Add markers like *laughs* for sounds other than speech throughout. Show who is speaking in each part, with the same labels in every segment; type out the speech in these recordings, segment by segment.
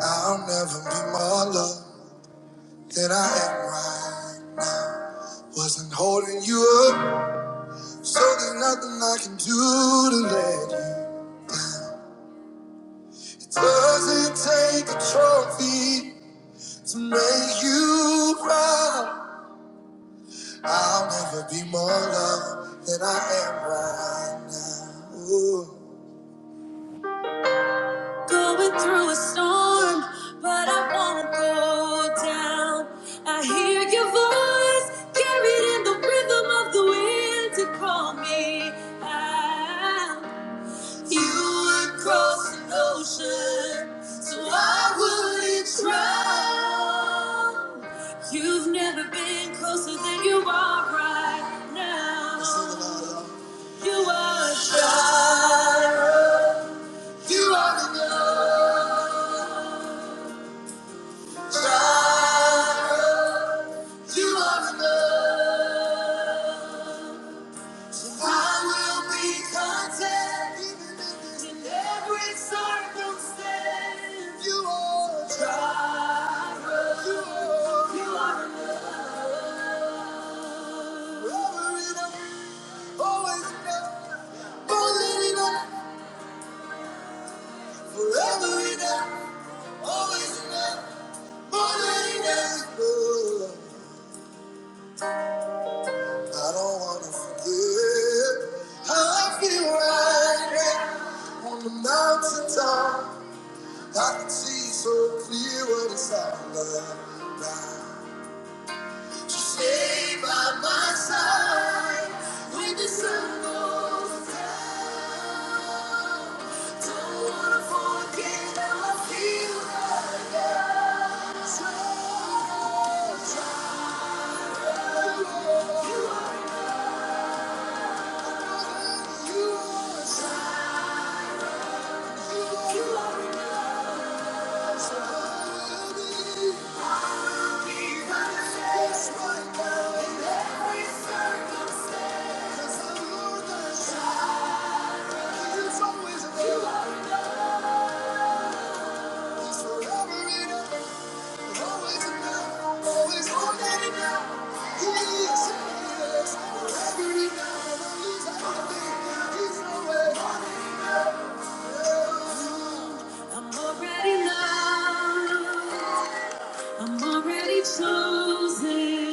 Speaker 1: I'll never be more loved than I am right. Wasn't holding you up, so there's nothing I can do to let you. It doesn't take a trophy to make you proud. I'll never be more loved than I am right now. Ooh. Going through a storm, but I won't go down. I hear your voice carried in the rhythm of the wind to call me out. You would cross an ocean, so I wouldn't drown. You've never been closer than you are right now. You are a child. You are the enough. you are enough. So I will be content even in every circumstance. You are God. You are you forever enough, always enough, more than enough, forever enough, always enough, more than enough. I don't wanna forget how I feel right now on the mountaintop. I can see so clear what it's all about. You stay by my side when the sun goes down. Don't wanna forget how I feel right now. You are enough. You are enough. You are enough. I'm already loved. I'm already chosen.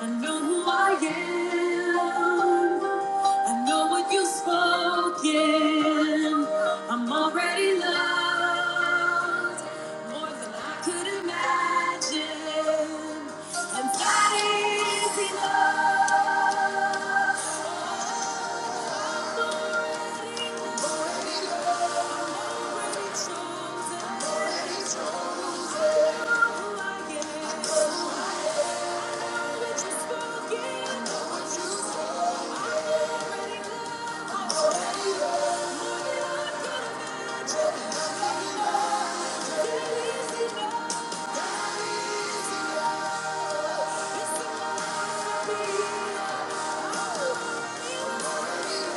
Speaker 1: I know who I am. I know what you've spoken. I'm already loved more than I could imagine. And that is enough. Thank you.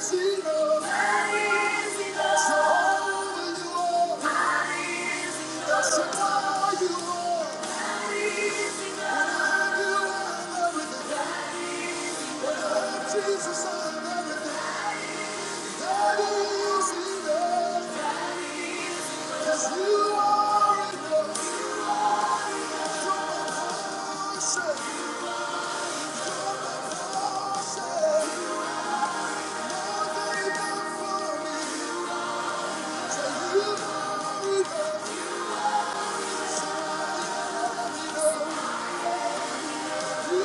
Speaker 1: Easy, Jesus, I am everything that is in Cause you are enough. I feel my passion. You are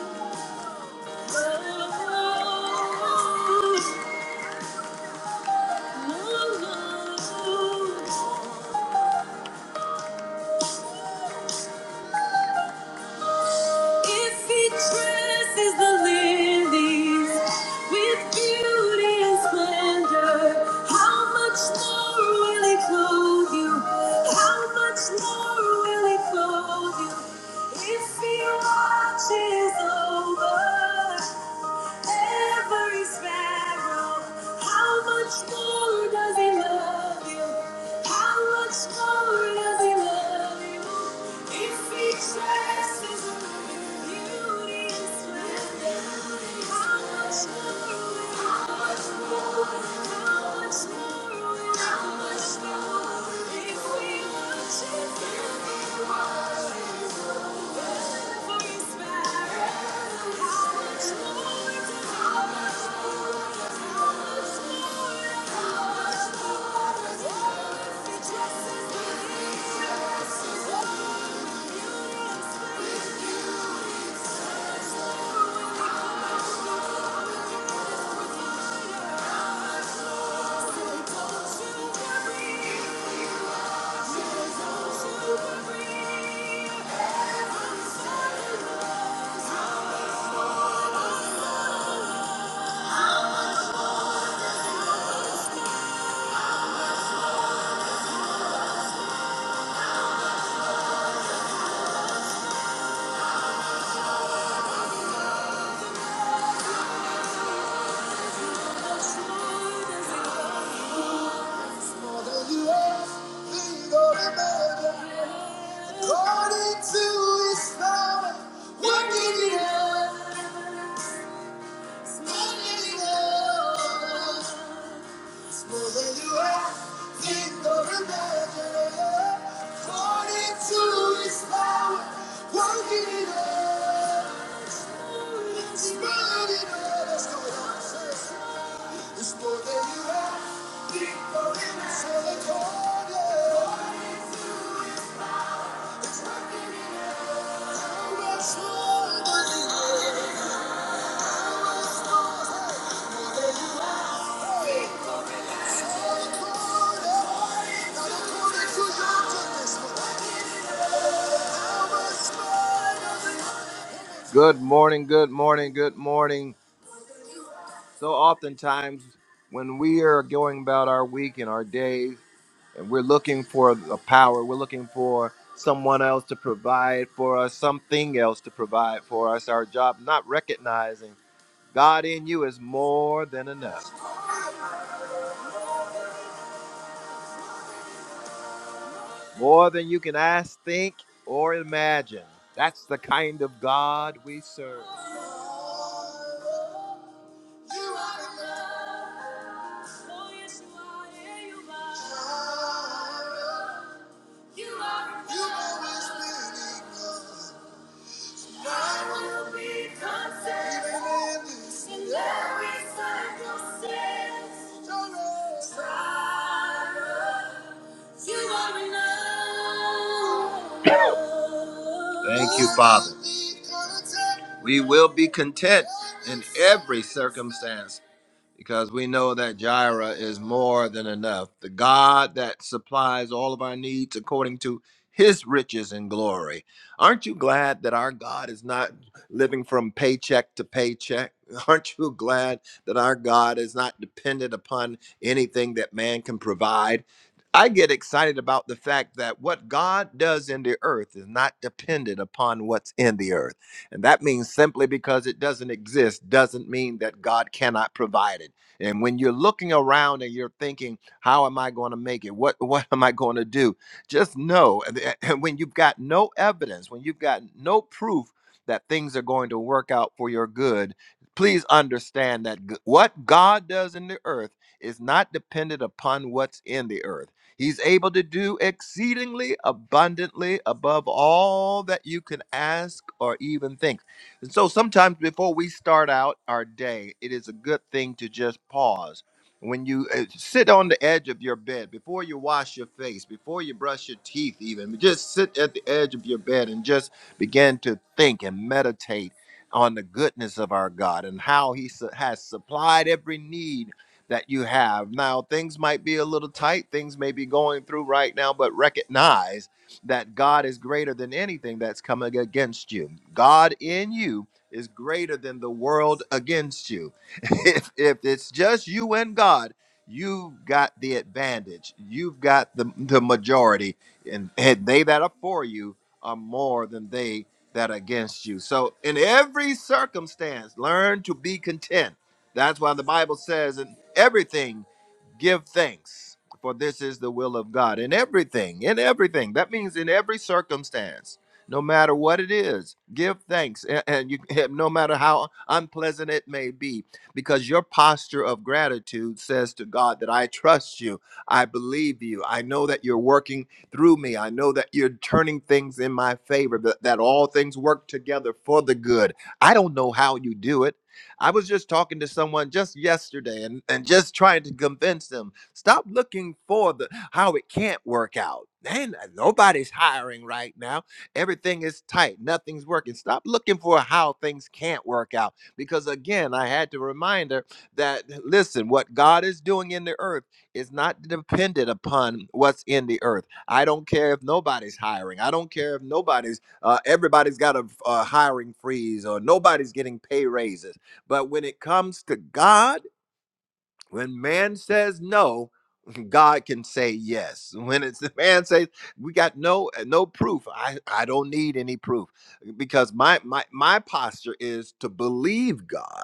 Speaker 1: enough. If he dresses the lilies with beauty and splendor, how much more will he clothe you? How much more will he clothe you? If he watches over every sparrow. How much more does he love you? How much more does he love you? If he dresses in beauty and splendor, how much more? How much more? How much more? How much more? If we worship him, more than you ask, think or imagine. According to his power, working in us, working in It's More than you ask, think or imagine. According to his power, working it out, It's more than you ask, come on, say it. It's more than you ask, think or imagine. According to his power, it's working in us. Good morning, good morning, good morning. So oftentimes when we are going about our week and our days and we're looking for a power, we're looking for someone else to provide for us, something else to provide for us, our job, not recognizing. God in you is more than enough, more than you can ask, think, or imagine. That's the kind of God we serve. You are enough. Oh, yes, you are. Yeah, you are. You are enough. You've always been enough. I will be content Even in this in every circumstance. Your love. Try. Thank you, Father. We will be content in every circumstance because we know that Jireh is more than enough. The God that supplies all of our needs according to his riches and glory. Aren't you glad that our God is not living from paycheck to paycheck? *laughs* Aren't you glad that our God is not dependent upon anything that man can provide? I get excited about the fact that what God does in the earth is not dependent upon what's in the earth. And that means simply because it doesn't exist doesn't mean that God cannot provide it. And when you're looking around and you're thinking, how am I going to make it? What *laughs* what am I going to do? Just know *laughs* and and when you've got no evidence, when you've got no proof that things are going to work out for your good, please understand that g- what God does in the earth is not dependent upon what's in the earth. He's able to do exceedingly abundantly above all that you can ask or even think. And so sometimes before we start out our day, it is a good thing to just pause. When you uh, sit on the edge of your bed, before you wash your face, before you brush your teeth, even, just sit at the edge of your bed and just begin to think and meditate on the goodness of our God and how He su- has supplied every need that you have. Now, things might be a little tight, things may be going through right now, but recognize that God is greater than anything that's coming against you. God in you is greater than the world against you. *laughs* if, if it's just you and God, you've got the advantage. You've got the, the majority, and, and they that are for you are more than they that are against you. So, in every circumstance, learn to be content that's why the Bible says, in everything, give thanks, for this is the will of God. In everything, in everything. That means in every circumstance, no matter what it is, give thanks. a- And you, *laughs* no matter how unpleasant it may be, because your posture of gratitude says to God that I trust you, I believe you, I know that you're working through me, I know that you're turning things in my favor, that, that all things work together for the good. I don't know how you do it. I was just talking to someone just yesterday and, and just trying to convince them stop looking for the how it can't work out. Man, uh, nobody's hiring right now. Everything is tight. Nothing's working. Stop looking for how things can't work out. Because again, I had to remind her that listen, what God is doing in the earth is not dependent upon what's in the earth. I don't care if nobody's hiring. I don't care if nobody's uh, everybody's got a a hiring freeze or nobody's getting pay raises but when it comes to God, when man says no, *laughs* God can say yes. When it's *laughs* the man says, we got no no proof. I, I don't need any proof because my my my posture is to believe God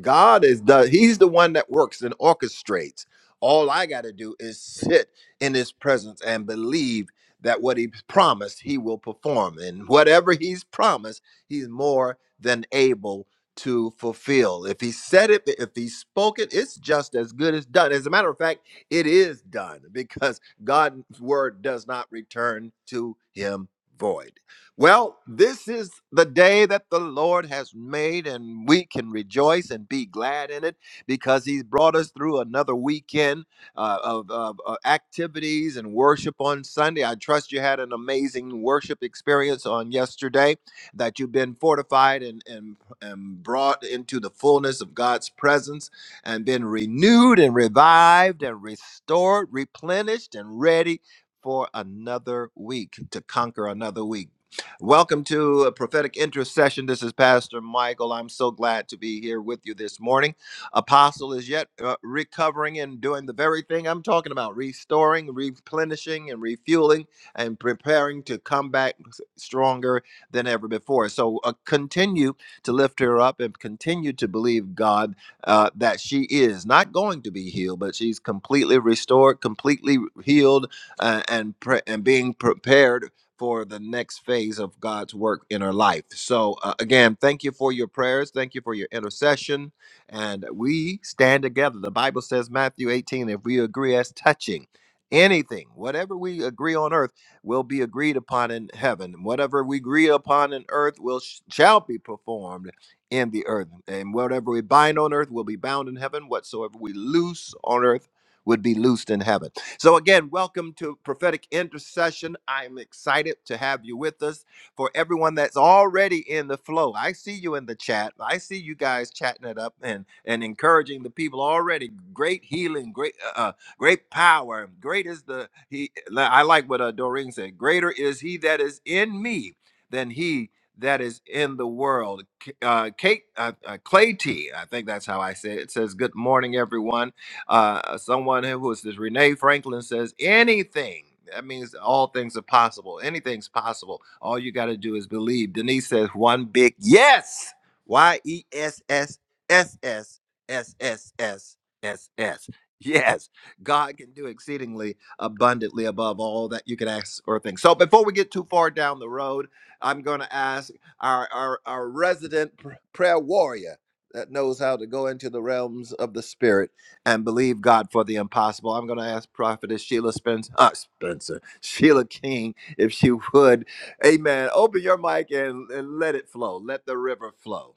Speaker 1: God is the He's the one that works and orchestrates. All I got to do is sit in His presence and believe that what He promised He will perform, and whatever He's promised, He's more than able to fulfill. If He said it, if He spoke it, it's just as good as done. As a matter of fact, it is done because God's word does not return to Him void. Well, this is the day that the Lord has made, and we can rejoice and be glad in it because He's brought us through another weekend uh, of, of uh, activities and worship on Sunday. I trust you had an amazing worship experience on yesterday, that you've been fortified and, and, and brought into the fullness of God's presence and been renewed and revived and restored, replenished, and ready for another week to conquer another week. Welcome to a prophetic intercession. This is Pastor Michael. I'm so glad to be here with you this morning. Apostle is yet uh, recovering and doing the very thing I'm talking about restoring, replenishing, and refueling, and preparing to come back s- stronger than ever before. So uh, continue to lift her up and continue to believe God uh, that she is not going to be healed, but she's completely restored, completely healed, uh, and, pre- and being prepared for the next phase of God's work in her life. So, uh, again, thank you for your prayers. Thank you for your intercession. And we stand together. The Bible says, Matthew 18, if we agree as touching anything, whatever we agree on earth will be agreed upon in heaven. Whatever we agree upon in earth will shall be performed in the earth. And whatever we bind on earth will be bound in heaven. Whatsoever we loose on earth would be loosed in heaven. So, again, welcome to Prophetic Intercession. I'm excited to have you with us. For everyone that's already in the flow, I see you in the chat. I see you guys chatting it up and, and encouraging the people already. Great healing, great uh, uh, great power. Great is the he. I like what uh, Doreen said. Greater is he that is in me than he that is in the world. K- Uh, Kate uh, uh, Clay T. I think that's how I say It says, "Good morning, everyone." Uh, someone who was this Renee Franklin says anything. That means all things are possible. Anything's possible. All you got to do is believe. Denise says one big yes. Y E S S S S S S S S S. Yes, God can do exceedingly abundantly above all that you can ask or think. So before we get too far down the road, I'm going to ask our, our, our resident pr- prayer warrior that knows how to go into the realms of the spirit and believe God for the impossible. I'm going to ask Prophetess Sheila Spencer, uh, Spencer, *laughs* Sheila King, if she would, Amen. Open your mic and, and let it flow. Let the river flow.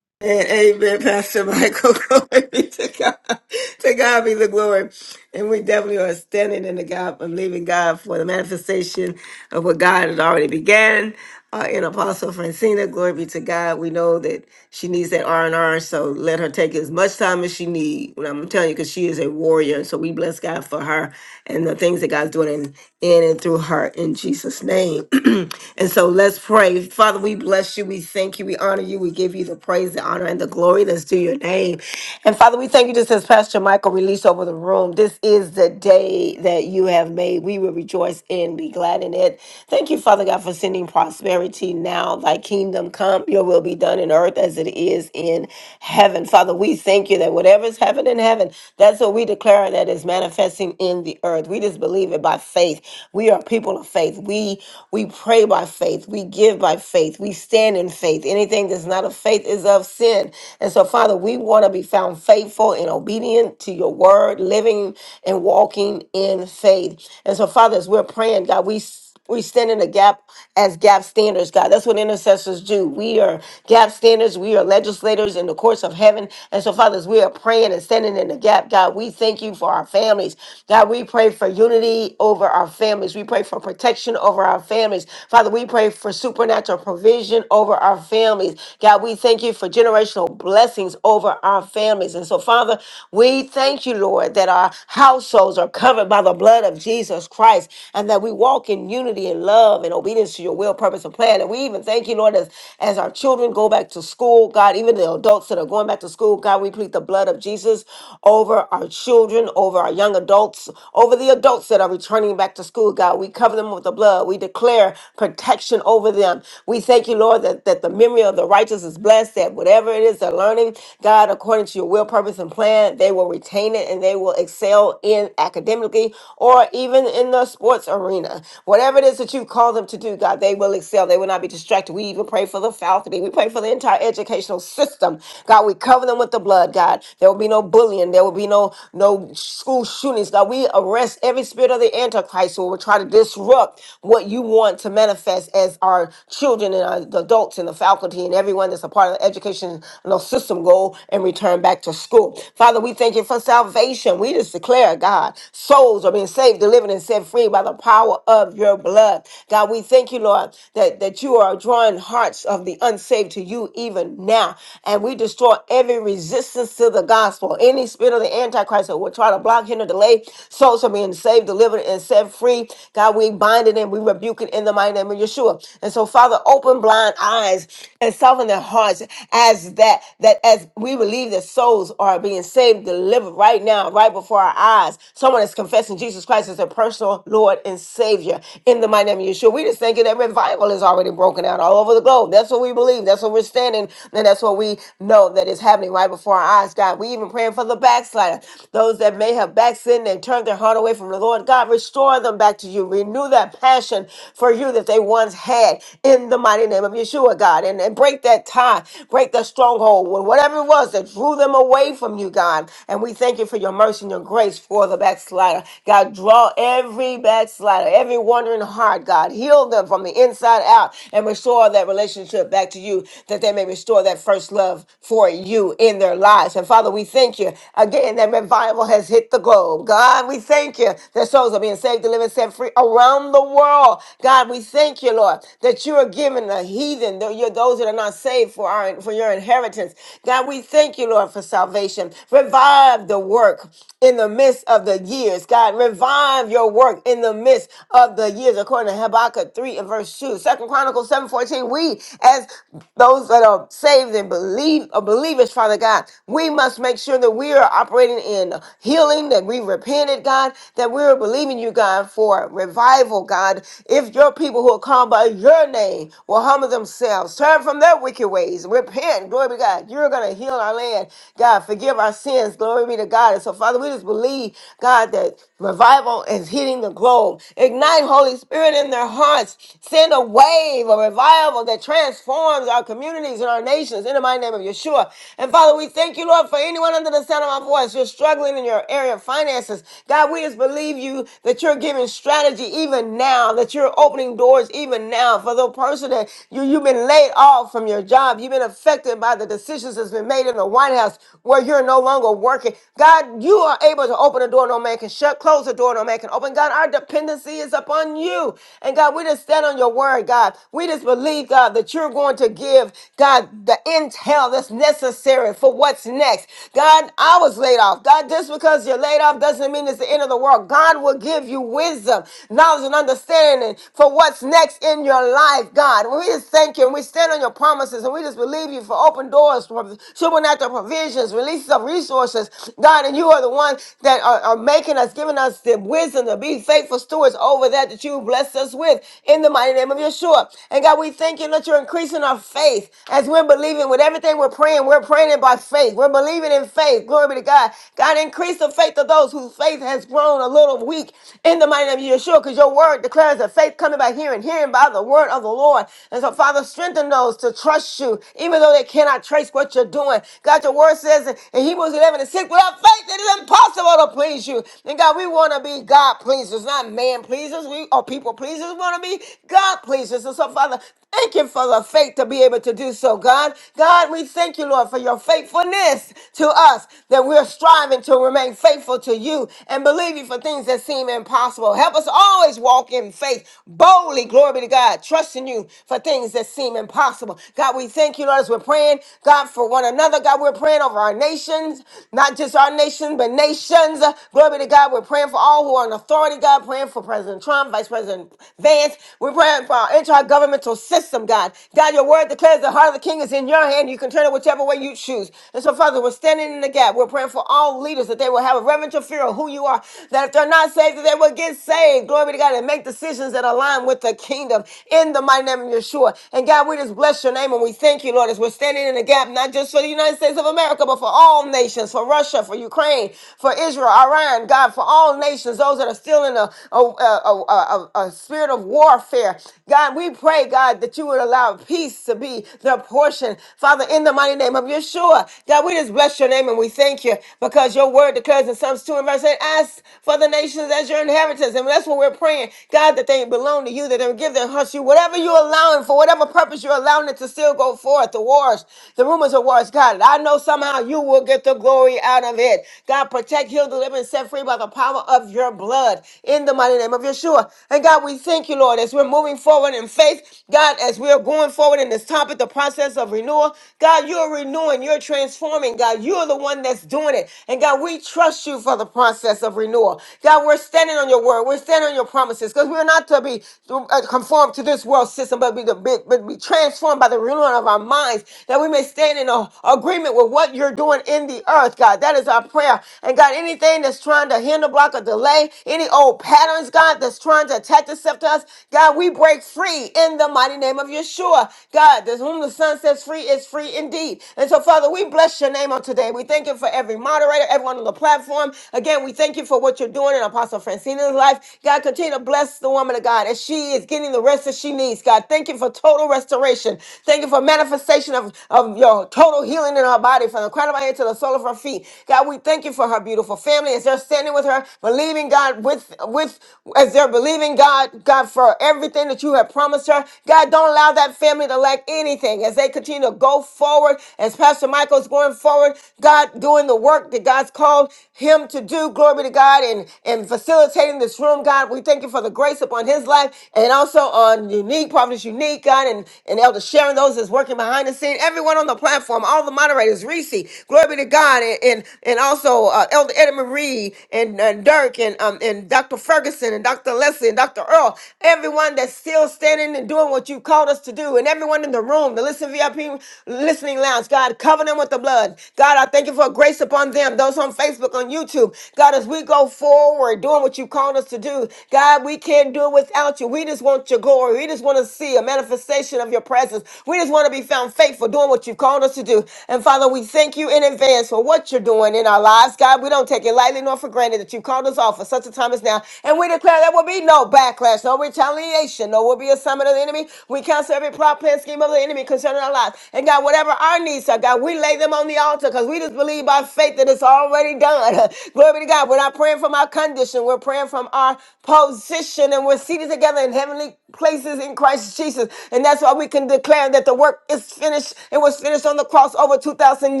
Speaker 2: And amen, Pastor Michael. *laughs* Glory be to God. To God be the glory. And we definitely are standing in the gap God, believing God for the manifestation of what God has already began. Uh, in Apostle Francina, glory be to God. We know that she needs that R and R, so let her take as much time as she needs. I'm telling you, because she is a warrior. So we bless God for her and the things that God's doing in, in and through her in Jesus' name. *clears throat* and so let's pray. Father, we bless you. We thank you. We honor you. We give you the praise, the honor, and the glory that's due your name. And Father, we thank you just as Pastor Michael released over over the room. This is the day that you have made. We will rejoice and be glad in it. Thank you, Father God, for sending prosperity now. Thy kingdom come, your will be done in earth as it is in heaven. Father, we thank you that whatever's happened in heaven, that's what we declare that is manifesting in the earth. We just believe it by faith. We are people of faith. We we pray by faith. We give by faith. We stand in faith. Anything that's not of faith is of sin. And so, Father, we want to be found faithful and obedient obedient to your word, living and walking in faith. And so, Father, as we're praying, God, we we stand in the gap as gap standers, God. That's what intercessors do. We are gap standers. We are legislators in the courts of heaven. And so, fathers, we are praying and standing in the gap, God. We thank you for our families. God, we pray for unity over our families. We pray for protection over our families. Father, we pray for supernatural provision over our families. God, we thank you for generational blessings over our families. And so, Father, Father, we thank you, Lord, that our households are covered by the blood of Jesus Christ and that we walk in unity and love and obedience to your will, purpose, and plan. And we even thank you, Lord, as, as our children go back to school, God, even the adults that are going back to school, God, we plead the blood of Jesus over our children, over our young adults, over the adults that are returning back to school, God. We cover them with the blood. We declare protection over them. We thank you, Lord, that, that the memory of the righteous is blessed, that whatever it is they're learning, God, according to your your will, purpose, and plan. They will retain it and they will excel in academically or even in the sports arena. Whatever it is that you call them to do, God, they will excel. They will not be distracted. We even pray for the faculty. We pray for the entire educational system. God, we cover them with the blood, God. There will be no bullying. There will be no no school shootings. God, we arrest every spirit of the Antichrist who will try to disrupt what you want to manifest as our children and our adults and the faculty and everyone that's a part of the educational system go and return back to school. Father, we thank you for salvation. We just declare, God, souls are being saved, delivered, and set free by the power of your blood. God, we thank you, Lord, that, that you are drawing hearts of the unsaved to you even now. And we destroy every resistance to the gospel, any spirit of the Antichrist that will try to block, hinder, delay. Souls are being saved, delivered, and set free. God, we bind it and we rebuke it in the mighty name of Yeshua. And so, Father, open blind eyes and soften their hearts as that that as we believe that souls are being saved, delivered right now, right before our eyes, someone is confessing Jesus Christ as their personal Lord and Savior in the mighty name of Yeshua. We just thank you that revival is already broken out all over the globe. That's what we believe. That's what we're standing, and that's what we know that is happening right before our eyes, God. We even praying for the backslider, those that may have backslidden and turned their heart away from the Lord. God, restore them back to you. Renew that passion for you that they once had in the mighty name of Yeshua, God, and, and break that tie. Break break that stronghold, when whatever it was that drew them away from you, God. And we thank you for your mercy and your grace for the backslider. God, draw every backslider, every wandering heart, God. Heal them from the inside out and restore that relationship back to you, that they may restore that first love for you in their lives. And Father, we thank you again that revival has hit the globe. God, we thank you that souls are being saved, delivered, set free around the world. God, we thank you, Lord, that you are giving the heathen, the- you- those that are not saved, saved for our for your inheritance. God, we thank you, Lord, for salvation. Revive the work in the midst of the years. God, revive your work in the midst of the years, according to Habakkuk 3 and verse 2. Second Chronicles seven fourteen. We, as those that are saved and believe are believers, Father God, we must make sure that we are operating in healing, that we repented, God, that we are believing you, God, for revival, God. If your people who are called by your name will humble themselves, serve turn from their wicked ways. Repent. Glory be to God. You're going to heal our land. God, forgive our sins. Glory be to God. And so, Father, we just believe, God, that revival is hitting the globe. Ignite Holy Spirit in their hearts. Send a wave of revival that transforms our communities and our nations in the mighty name of Yeshua. And Father, we thank you, Lord, for anyone under the sound of my voice. You're struggling in your area of finances. God, we just believe you that you're giving strategy even now, that you're opening doors even now for the person that you, you you've been laid off from your job. You've been affected by the decisions that's been made in the White House where you're no longer working. God, you are able to open a door no man can shut, close the door no man can open. God, our dependency is upon you. And God, we just stand on your word, God. We just believe, God, that you're going to give, God, the intel that's necessary for what's next. God, I was laid off. God, just because you're laid off doesn't mean it's the end of the world. God will give you wisdom, knowledge, and understanding for what's next in your life, God. God. And we just thank you and we stand on your promises and we just believe you for open doors, for supernatural provisions, releases of resources. God, and you are the one that are, are making us, giving us the wisdom to be faithful stewards over that that you blessed us with in the mighty name of Yeshua. And God, we thank you that you're increasing our faith as we're believing with everything we're praying. We're praying it by faith. We're believing in faith. Glory be to God. God, increase the faith of those whose faith has grown a little weak in the mighty name of Yeshua because your word declares that faith coming by hearing, hearing by the word the word of the Lord. And so, Father, strengthen those to trust you, even though they cannot trace what you're doing. God, your word says in Hebrews 11 and 6, without faith, it is impossible to please you. And God, we want to be God pleasers, not man pleasers. We or people pleasers. We want to be God pleasers. And so, Father, Thank you for the faith to be able to do so, God. God, we thank you, Lord, for your faithfulness to us, that we're striving to remain faithful to you and believe you for things that seem impossible. Help us always walk in faith, boldly, glory be to God, trusting you for things that seem impossible. God, we thank you, Lord, as we're praying, God, for one another. God, we're praying over our nations, not just our nation, but nations. Glory be to God. We're praying for all who are in authority, God, praying for President Trump, Vice President Vance advance. We're praying for our intergovernmental system, God. God, your word declares the heart of the king is in your hand. You can turn it whichever way you choose. And so, Father, we're standing in the gap. We're praying for all leaders that they will have a reverential fear of who you are, that if they're not saved, that they will get saved. Glory be to God and make decisions that align with the kingdom in the mighty name of Yeshua. And God, we just bless your name and we thank you, Lord, as we're standing in the gap, not just for the United States of America, but for all nations, for Russia, for Ukraine, for Israel, Iran, God, for all nations, those that are still in the a, a, a, a, a a spirit of warfare. God, we pray, God, that you would allow peace to be their portion. Father, in the mighty name of Yeshua, God, we just bless your name and we thank you because your word declares in Psalms 2 and verse 8, ask for the nations as your inheritance. And that's what we're praying, God, that they belong to you, that they would give their hearts to you, whatever you're allowing for, whatever purpose you're allowing it to still go forth, the wars, the rumors of wars, God. I know somehow you will get the glory out of it. God, protect, heal, deliver, and set free by the power of your blood in the mighty name of Yeshua. And God, we thank you, Lord, as we're moving forward in faith. God, as we're going forward in this topic, the process of renewal. God, you're renewing, you're transforming. God, you're the one that's doing it. And God, we trust you for the process of renewal. God, we're standing on your word, we're standing on your promises because we're not to be uh, conformed to this world system, but be, be, but be transformed by the renewing of our minds that we may stand in a, agreement with what you're doing in the earth. God. That is our prayer. And God, anything that's trying to hinder, block, or delay, any old patterns, God, that's trying to attach itself to us, God, we break free in the mighty name of Yeshua. God, that whom the Son sets free is free indeed. And so, Father, we bless your name on today. We thank you for every moderator, everyone on the platform. Again, we thank you for what you're doing in Apostle Francina's life. God, continue to bless the woman of God as she is getting the rest that she needs. God, thank you for total restoration. Thank you for manifestation of, of your total healing healing in her body from the crown of her head to the sole of her feet. God, we thank you for her beautiful family as they're standing with her, believing God with with as they're believing God, God for everything that you have promised her. God, don't allow that family to lack anything as they continue to go forward. As Pastor Michael's going forward, God doing the work that God's called him to do. Glory be to God and and facilitating this room. God, we thank you for the grace upon his life and also on unique providence, unique God and and Elder Sharon. Those is working behind the scene. Everyone on the platform, all the moderators, Reese, glory be to God, and and, and also uh, Elder Eddie Marie and, and Dirk and um and Dr. Ferguson and Dr. Leslie and Dr. Earl. Everyone that's still standing and doing what you called us to do, and everyone in the room, the Listen VIP listening lounge. God, cover them with the blood. God, I thank you for grace upon them. Those on Facebook, on YouTube, God, as we go forward doing what you called us to do, God, we can't do it without you. We just want your glory. We just want to see a manifestation of your presence. We just want to be found faithful doing what you've called us to do. And Father, we thank you in advance for what you're doing in our lives. God, we don't take it lightly nor for granted that you've called us all for such a time as now. And we declare there will be no backlash, no retaliation, no will be a summit of the enemy. We cancel every plot, plan, scheme of the enemy concerning our lives. And God, whatever our needs are, God, we lay them on the altar because we just believe by faith that it's already done. *laughs* Glory to God. We're not praying from our condition. We're praying from our position and we're seated together in heavenly places in Christ Jesus. And that's why we can declare that the work is finished. It was finished on the cross over 2,000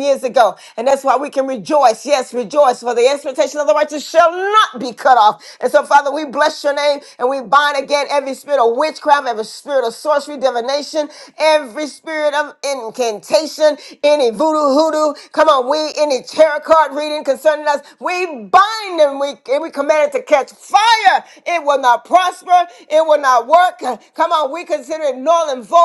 Speaker 2: years ago. And that's why we can rejoice. Yes, rejoice, for the expectation of the righteous shall not be cut off. And so, Father, we bless your name and we bind again every spirit of witchcraft, every spirit of sorcery, divination, every spirit of incantation, any voodoo, hoodoo. Come on, we, any tarot card reading concerning us, we bind them. We, and we command it to catch fire. It will not prosper. It will not work. Come on, we consider it null and void.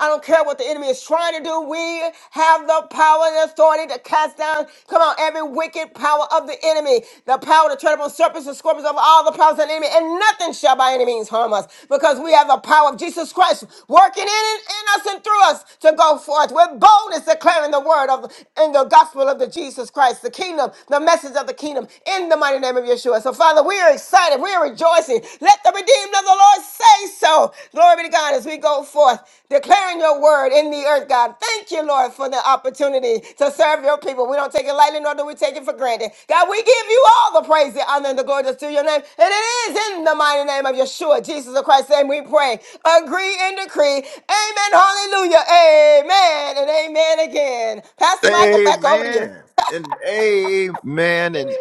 Speaker 2: I don't care what the enemy is trying to do. We have the power and authority to cast down, come on, every wicked power of the enemy, the power to tread upon serpents and scorpions of all the powers of the enemy, and nothing shall by any means harm us because we have the power of Jesus Christ working in, and in us and through us to go forth with boldness declaring the word of and the gospel of the Jesus Christ, the kingdom, the message of the kingdom kingdom in the mighty name of Yeshua. So, Father, we are excited. We are rejoicing. Let the redeemed of the Lord say so. Glory be to God as we go forth declaring your word in the earth, God. Thank you, Lord, for the opportunity to serve your people. We don't take it lightly, nor do we take it for granted. God, we give you all the praise, the honor, and the glory that's to your name. And it is in the mighty name of Yeshua, Jesus of Christ's name, we pray. Agree and decree. Amen. Hallelujah. Amen. And amen again. Pastor Michael, back over to you.
Speaker 1: Amen and amen and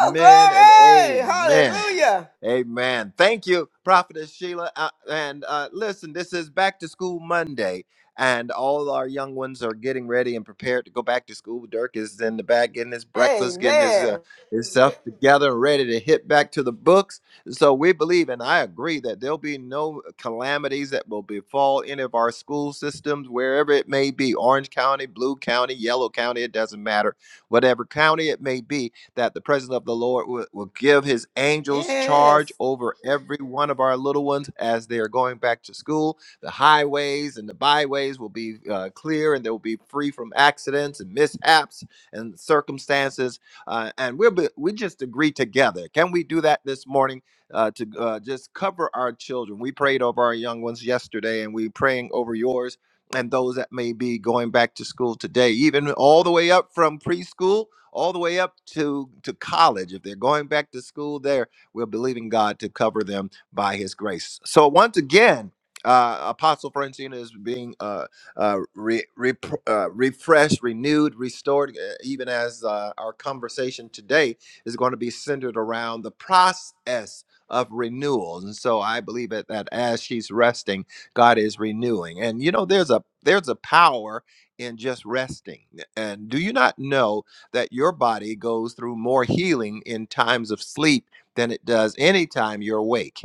Speaker 2: Oh,
Speaker 1: and
Speaker 2: glory!
Speaker 1: amen.
Speaker 2: Hallelujah!
Speaker 1: Amen. Thank you, Prophetess Sheila. Uh, and uh, listen, this is Back to School Monday, and all our young ones are getting ready and prepared to go back to school. Dirk is in the back getting his breakfast, getting his uh,
Speaker 2: Amen.
Speaker 1: his stuff together, and ready to hit back to the books. So we believe, and I agree, that there'll be no calamities that will befall any of our school systems, wherever it may be—Orange County, Blue County, Yellow County—it doesn't matter, whatever county it may be that the presence of the Lord will, will give his angels charge
Speaker 2: Yes.
Speaker 1: over every one of our little ones as they are going back to school. The highways and the byways will be uh, clear and they will be free from accidents and mishaps and circumstances. Uh, and we'll be, we just agree together. Can we do that this morning uh, to uh, just cover our children? We prayed over our young ones yesterday and we praying over yours and those that may be going back to school today, even all the way up from preschool all the way up to, to college. If they're going back to school there, we're believing God to cover them by his grace. So once again, uh, Apostle Francina is being uh, uh, re, re, uh, refreshed, renewed, restored, uh, even as uh, our conversation today is going to be centered around the process of renewals. And so I believe that, that as she's resting, God is renewing. And you know, there's a there's a power in just resting. And do you not know? that your body goes through more healing in times of sleep than it does any time you're awake.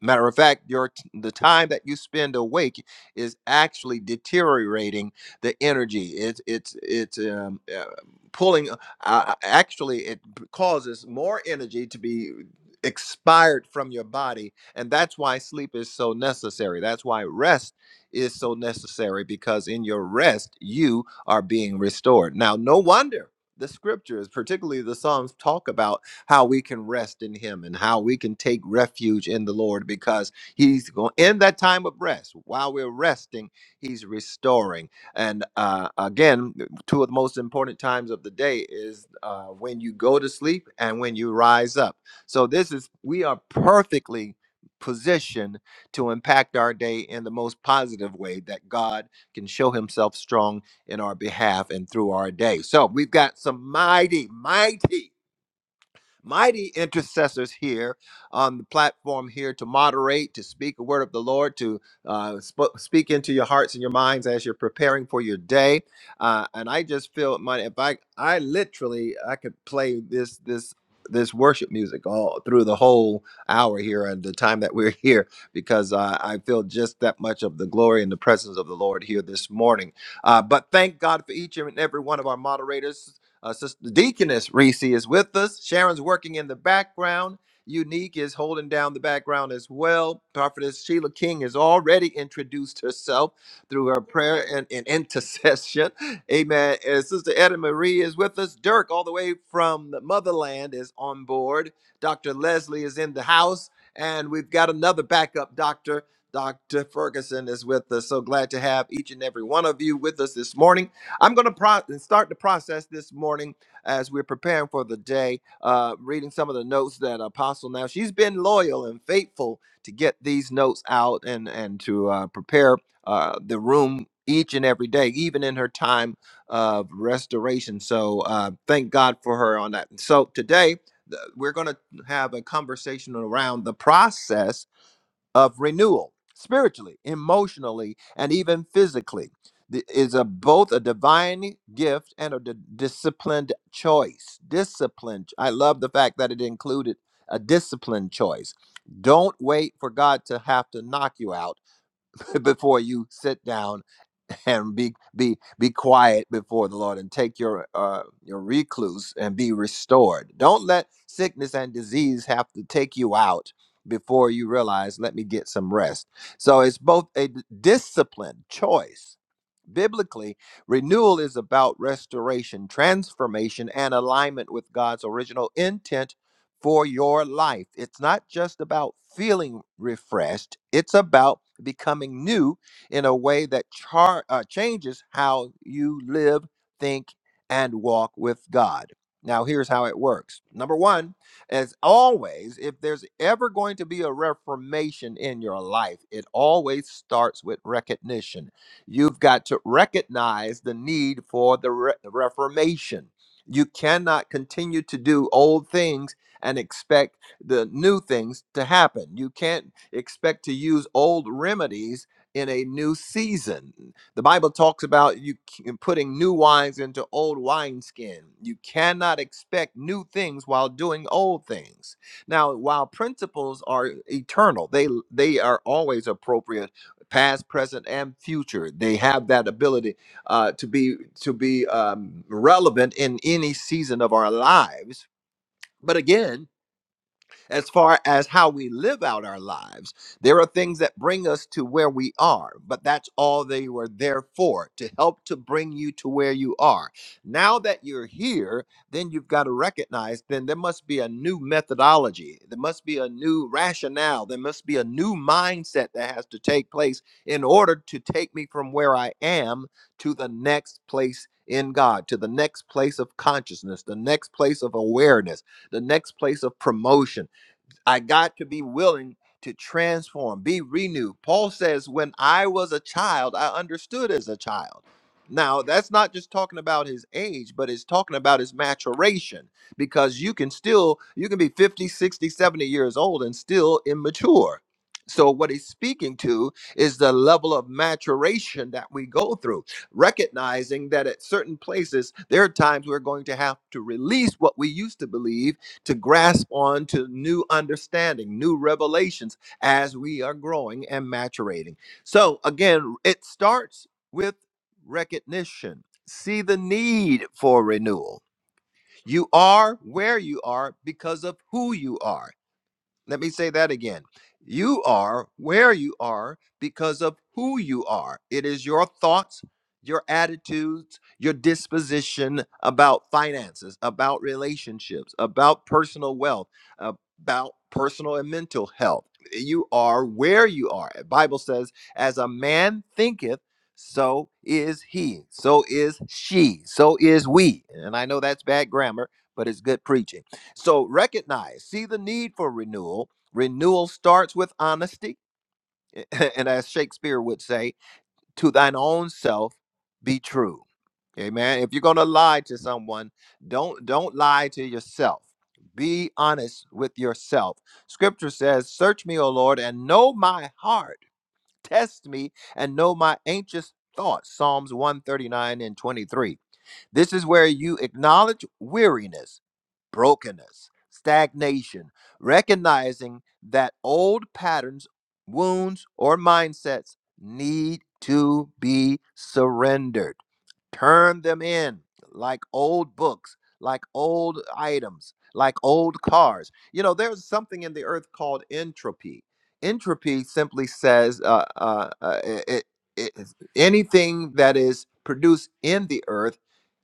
Speaker 1: Matter of fact, your the time that you spend awake is actually deteriorating the energy. It's it's it's um, uh, pulling. Uh, uh, actually, it p- causes more energy to be expired from your body, and that's why sleep is so necessary. That's why rest is so necessary because in your rest you are being restored. Now, no wonder the scriptures, particularly the Psalms, talk about how we can rest in Him and how we can take refuge in the Lord because He's going in that time of rest. While we're resting, He's restoring. And uh, again, two of the most important times of the day is uh, when you go to sleep and when you rise up. So this is we are perfectly positioned to impact our day in the most positive way that God can show Himself strong in our behalf and through our day. So we've got some mighty, mighty mighty intercessors here on the platform here to moderate, to speak a word of the Lord, to uh, sp- speak into your hearts and your minds as you're preparing for your day. Uh, and I just feel my if I I literally I could play this this this worship music all through the whole hour here and the time that we're *laughs* here because uh, I feel just that much of the glory and the presence of the Lord here this morning. Uh, but thank God for each and every one of our moderators. Uh, Sister Deaconess Reese is with us. Sharon's working in the background. Unique is holding down the background as well. Prophetess Sheila King has already introduced herself through her prayer and, and intercession. *laughs* Amen. And Sister Etta Marie is with us. Dirk, all the way from the motherland, is on board. Dr. Leslie is in the house. And we've got another backup doctor. Dr. Ferguson is with us. So glad to have each and every one of you with us this morning. I'm going to pro- start the process this morning as we're preparing for the day, uh, reading some of the notes that Apostle now, she's been loyal and faithful to get these notes out and, and to uh, prepare uh, the room each and every day, even in her time of restoration. So uh, thank God for her on that. So today, th- we're going to have a conversation around the process of renewal spiritually emotionally and even physically Th- is a both a divine gift and a di- disciplined choice discipline i love the fact that it included a disciplined choice don't wait for god to have to knock you out *laughs* before you sit down and be be be quiet before the Lord and take your uh your recluse and be restored. Don't let sickness and disease have to take you out before you realize let me get some rest. So it's both a d- discipline choice. Biblically, renewal is about restoration, transformation and alignment with God's original intent for your life. It's not just about feeling refreshed, it's about becoming new in a way that char- uh, changes how you live, think, and walk with God. Now, here's how it works. Number one, as always, if there's ever going to be a reformation in your life, it always starts with recognition. You've got to recognize the need for the re- reformation. You cannot continue to do old things and expect the new things to happen. You can't expect to use old remedies in a new season. The Bible talks about you c- putting new wines into old wineskin. You cannot expect new things while doing old things. Now, while principles are eternal, they they are always appropriate, past, present, and future. They have that ability uh, to be to be um, relevant in any season of our lives. But again as far as how we live out our lives. There are things that bring us to where we are, but that's all they were there for to help to bring you to where you are. Now that you're here, then you've got to recognize then there must be a new methodology, there must be a new rationale, there must be a new mindset that has to take place in order to take me from where I am to the next place in God, to the next place of consciousness, the next place of awareness, the next place of promotion I got to be willing to transform, be renewed. Paul says, When I was a child, I understood as a child. Now, that's not just talking about his age, but it's talking about his maturation because you can still, you can be 50, 60, 70 years old and still immature. So, what he's speaking to is the level of maturation that we go through, recognizing that at certain places, there are times we're going to have to release what we used to believe to grasp on to new understanding, new revelations as we are growing and maturating. So, again, it starts with recognition. See the need for renewal. You are where you are because of who you are. Let me say that again. You are where you are because of who you are. It is your thoughts, your attitudes, your disposition about finances, about relationships, about personal wealth, about personal and mental health. You are where you are. The Bible says, as a man thinketh, so is he, so is she, so is we. And I know that's bad grammar, but it's good preaching. So recognize, see the need for renewal. Renewal starts with honesty. *laughs* And as Shakespeare would say, to thine own self be true. Amen. If you're gonna lie to someone, don't don't lie to yourself. Be honest with yourself. Scripture says, Search me, O Lord, and know my heart. Test me and know my anxious thoughts. Psalms 139 and 23. This is where you acknowledge weariness brokenness, stagnation, recognizing that old patterns, wounds, or mindsets need to be surrendered. Turn them in like old books, like old items, like old cars. You know, there's something in the earth called entropy. Entropy simply says uh, uh, uh, it, it, anything that is produced in the earth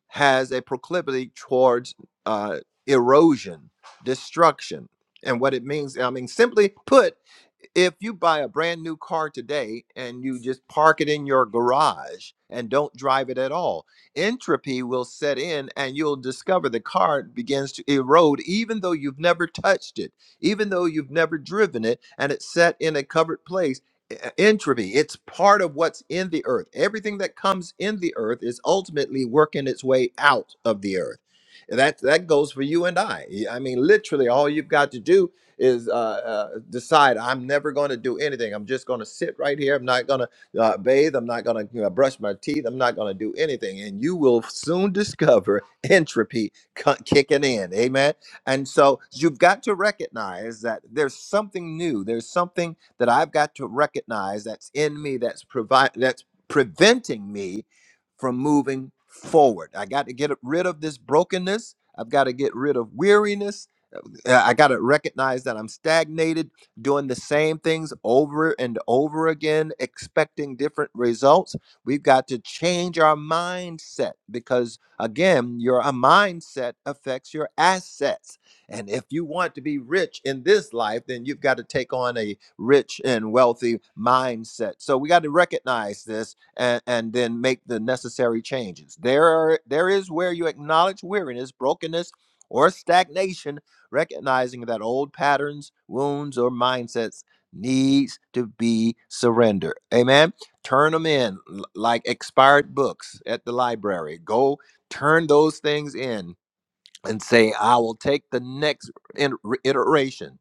Speaker 1: has a proclivity towards uh, erosion, destruction. And what it means, I mean, simply put, if you buy a brand new car today and you just park it in your garage and don't drive it at all, entropy will set in and you'll discover the car begins to erode, even though you've never touched it, even though you've never driven it, and it's set in a covered place e- entropy it's part of what's in the earth everything that comes in the earth is ultimately working its way out of the earth that that goes for you and i Y- i mean literally all you've got to do is uh, uh, decide i'm never going to do anything i'm just going to sit right here i'm not going to uh, bathe i'm not going to you know, brush my teeth i'm not going to do anything and you will soon discover *laughs* entropy cu- kicking in amen and so you've got to recognize that there's something new there's something that I've got to recognize that's in me that's provide that's preventing me from moving forward. I got to get rid of this brokenness. I've got to get rid of weariness. Uh, I got to recognize that I'm stagnated, doing the same things over and over again, expecting different results. We've got to change our mindset because, again, your uh, mindset affects your assets. And if you want to be rich in this life, then you've got to take on a rich and wealthy mindset. So we got to recognize this and, and then make the necessary changes. There, are, there is where you acknowledge weariness, brokenness, or stagnation recognizing that old patterns, wounds, or mindsets needs to be surrendered. Amen. Turn them in l- like expired books at the library. Go turn those things in and say, I will take the next in- iteration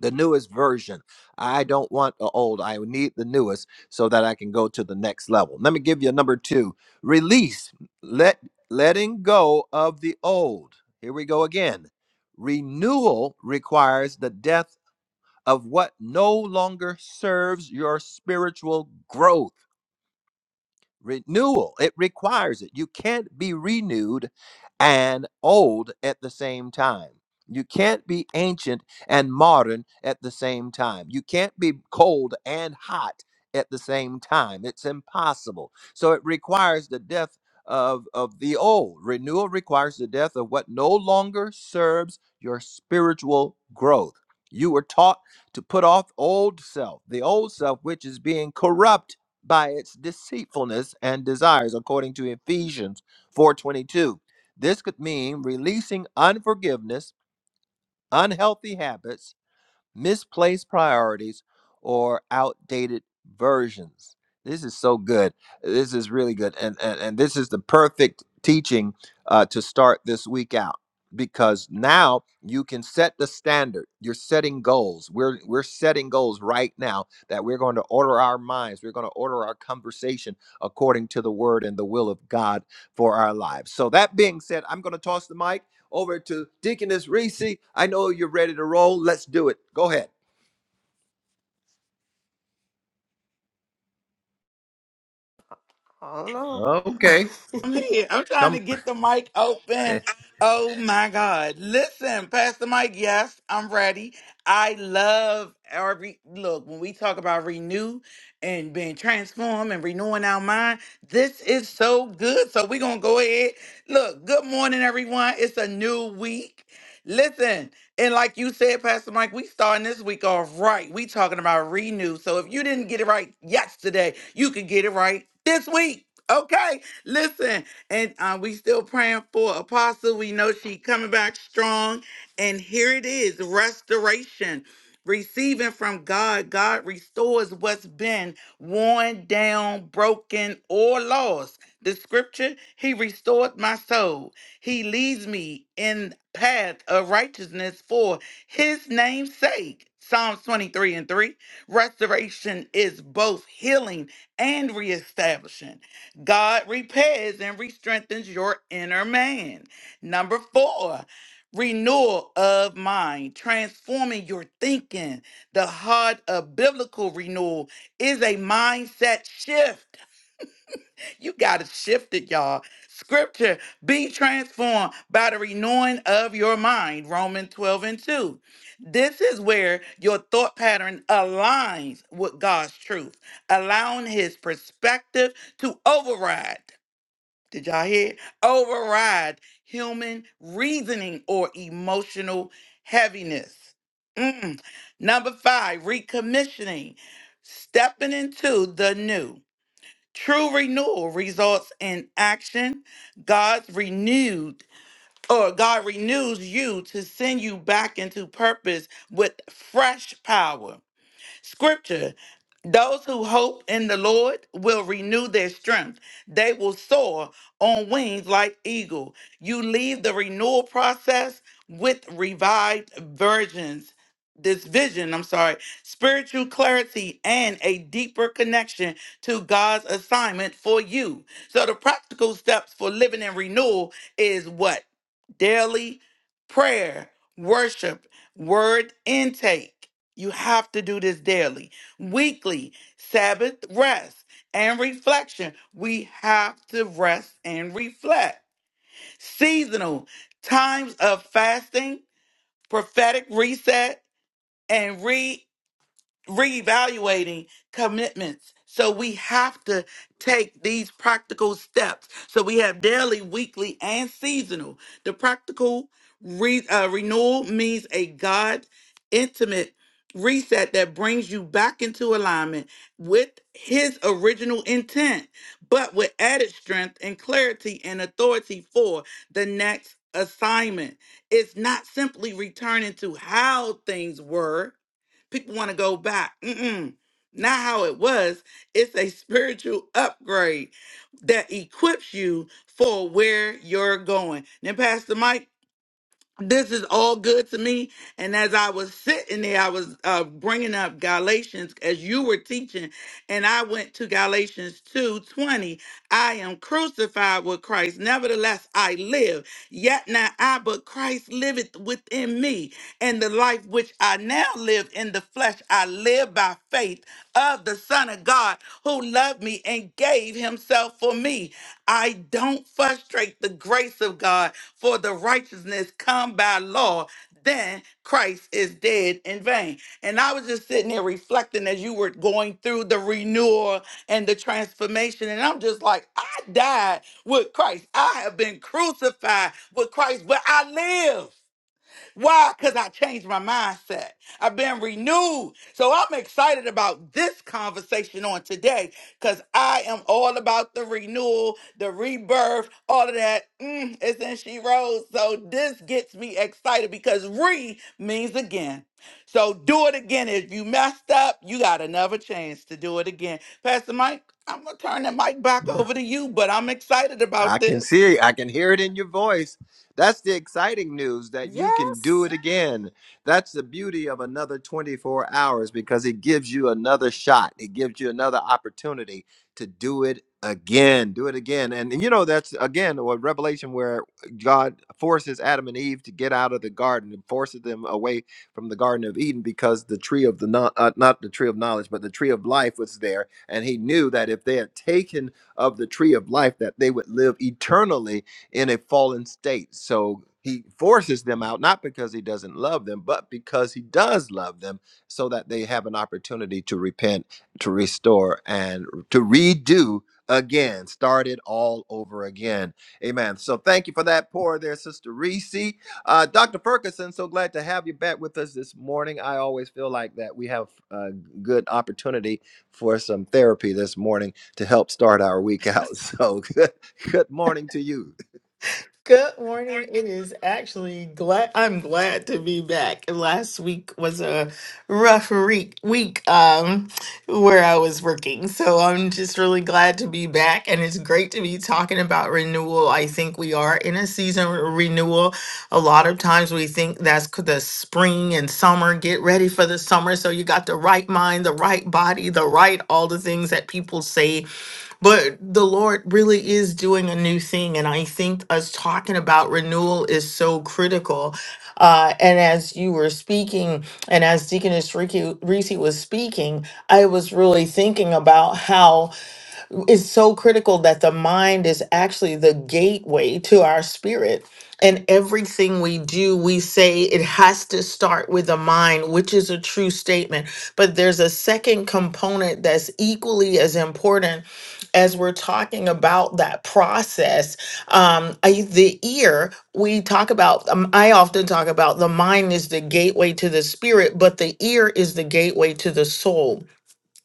Speaker 1: the newest version. I don't want the old. I need the newest so that I can go to the next level. Let me give you number 2. Release. Let letting go of the old. Here we go again. Renewal requires the death of what no longer serves your spiritual growth renewal. It requires it. You can't be renewed and old at the same time. You can't be ancient and modern at the same time. You can't be cold and hot at the same time. It's impossible. So it requires the death of, of the old. Renewal requires the death of what no longer serves your spiritual growth. You were taught to put off old self, the old self which is being corrupt by its deceitfulness and desires according to Ephesians 4:22. This could mean releasing unforgiveness, unhealthy habits, misplaced priorities, or outdated versions. This is so good. This is really good. And, and, and this is the perfect teaching uh, to start this week out because now you can set the standard you're setting goals we're we're setting goals right now that we're going to order our minds we're going to order our conversation according to the word and the will of god for our lives so that being said i'm going to toss the mic over to Deaconess Reese. I know you're ready to roll. Let's do it. Go ahead.
Speaker 2: I don't know.
Speaker 1: Okay.
Speaker 3: I'm here. I'm trying
Speaker 1: Come.
Speaker 3: to get the mic open. Oh my God. Listen, Pastor Mike, yes, I'm ready. I love our re- look when we talk about renew and being transformed and renewing our mind. This is so good. So we're gonna go ahead. Look, good morning, everyone. It's a new week. Listen, and like you said, Pastor Mike, we starting this week off right. We talking about renew. So if you didn't get it right yesterday, you could get it right this week. Okay, listen, and uh, we still praying for Apostle. We know she coming back strong, and here it is, restoration, receiving from God. God restores what's been worn down, broken, or lost. The scripture, He restored my soul. He leads me in path of righteousness for his name's sake. Psalms 23 and 3. Restoration is both healing and reestablishing. God repairs and re-strengthens your inner man. Number four, renewal of mind, transforming your thinking. The heart of biblical renewal is a mindset shift you got to shift it, y'all. Scripture, be transformed by the renewing of your mind, Romans 12 and 2. This is where your thought pattern aligns with God's truth, allowing his perspective to override. Did y'all hear? Override human reasoning or emotional heaviness. Mm. Number five, recommissioning, stepping into the new. True renewal results in action. God's renewed or God renews you to send you back into purpose with fresh power. Scripture Those who hope in the Lord will renew their strength. They will soar on wings like eagle. You leave the renewal process with revived virgins. This vision, I'm sorry, spiritual clarity and a deeper connection to God's assignment for you. So the practical steps for living in renewal is what? Daily prayer, worship, word intake you have to do this daily, weekly, Sabbath rest and reflection. We have to rest and reflect. Seasonal times of fasting, prophetic reset, and read reevaluating commitments. So we have to take these practical steps. So we have daily, weekly, and seasonal. The practical re- uh, renewal means a God intimate reset that brings you back into alignment with His original intent, but with added strength and clarity and authority for the next assignment. It's not simply returning to how things were People want to go back. Mm-mm. Not how it was. It's a spiritual upgrade that equips you for where you're going. Now, Pastor Mike, this is all good to me. And as I was sitting there, I was uh, bringing up Galatians as you were teaching and I went to Galatians 2 20. I am crucified with Christ. Nevertheless, I live. Yet not I, but Christ liveth within me. And the life which I now live in the flesh, I live by faith of the Son of God who loved me and gave himself for me. I don't frustrate the grace of God, for the righteousness come by law then Christ is dead in vain. And I was just sitting here reflecting as you were going through the renewal and the transformation. And I'm just like, I died with Christ. I have been crucified with Christ, but I live. Why? Because I changed my mindset. I've been renewed. So I'm excited about this conversation on today because I am all about the renewal, the rebirth, all of that. Mm, it's in She Rose. So this gets me excited because re means again. So do it again. If you messed up, you got another chance to do it again. Pastor Mike, I'm going to turn the mic back over to you, but I'm excited about
Speaker 1: I can
Speaker 3: this.
Speaker 1: see, I can hear it in your voice. That's the exciting news that you can do
Speaker 2: Yes.
Speaker 1: it again. That's the beauty of another 24 hours because it gives you another shot. It gives you another opportunity to do it again. Do it again. And, and you know, that's again what Revelation where God forces Adam and Eve to get out of the garden and forces them away from the Garden of Eden because the tree of the, kno- uh, not the tree of knowledge, but the tree of life was there. And he knew that if they had taken of the tree of life that they would live eternally in a fallen state. So he forces them out, not because he doesn't love them, but because he does love them, so that they have an opportunity to repent, to restore, and to redo again, start it all over again. Amen. So thank you for that pour there, Sister Reese. Uh, Dr. Ferguson, so glad to have you back with us this morning. I always feel like that we have a good opportunity for some therapy this morning to help start our week out. *laughs* So good good morning to you.
Speaker 4: Good morning. It is actually glad I'm glad to be back. Last week was a rough re- week um where I was working. So I'm just really glad to be back and it's great to be talking about renewal. I think we are in a season of renewal. A lot of times we think that's c- the spring and summer. Get ready for the summer so you got the right mind, the right body, the right all the things that people say but the Lord really is doing a new thing. And I think us talking about renewal is so critical. Uh, and as you were speaking, and as Deaconess Ricky, Reese was speaking, I was really thinking about how is so critical that the mind is actually the gateway to our spirit. And everything we do, we say it has to start with the mind, which is a true statement. But there's a second component that's equally as important as we're talking about that process. Um, I, the ear, we talk about, um, I often talk about the mind is the gateway to the spirit, but the ear is the gateway to the soul.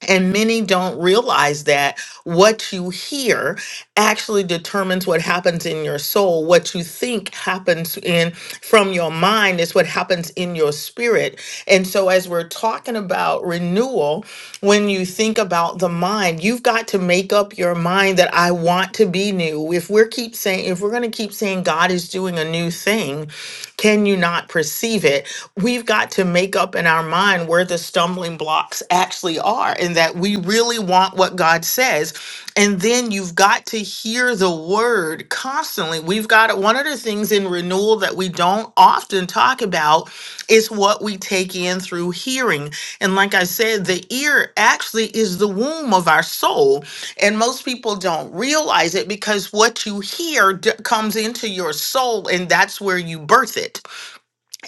Speaker 4: And many don't realize that what you hear actually determines what happens in your soul. What you think happens in from your mind is what happens in your spirit. And so, as we're talking about renewal, when you think about the mind, you've got to make up your mind that I want to be new. If we're keep saying, if we're going to keep saying God is doing a new thing, can you not perceive it? We've got to make up in our mind where the stumbling blocks actually are and that we really want what God says. And then you've got to hear the word constantly. We've got one of the things in renewal that we don't often talk about it's what we take in through hearing. And like I said, the ear actually is the womb of our soul. And most people don't realize it because what you hear d- comes into your soul and that's where you birth it.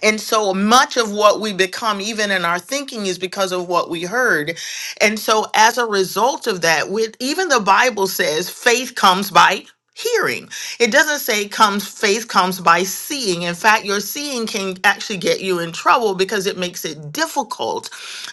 Speaker 4: And so much of what we become, even in our thinking, is because of what we heard. And so, as a result of that, with even the Bible says faith comes by hearing. It doesn't say comes faith comes by seeing. In fact, your seeing can actually get you in trouble because it makes it difficult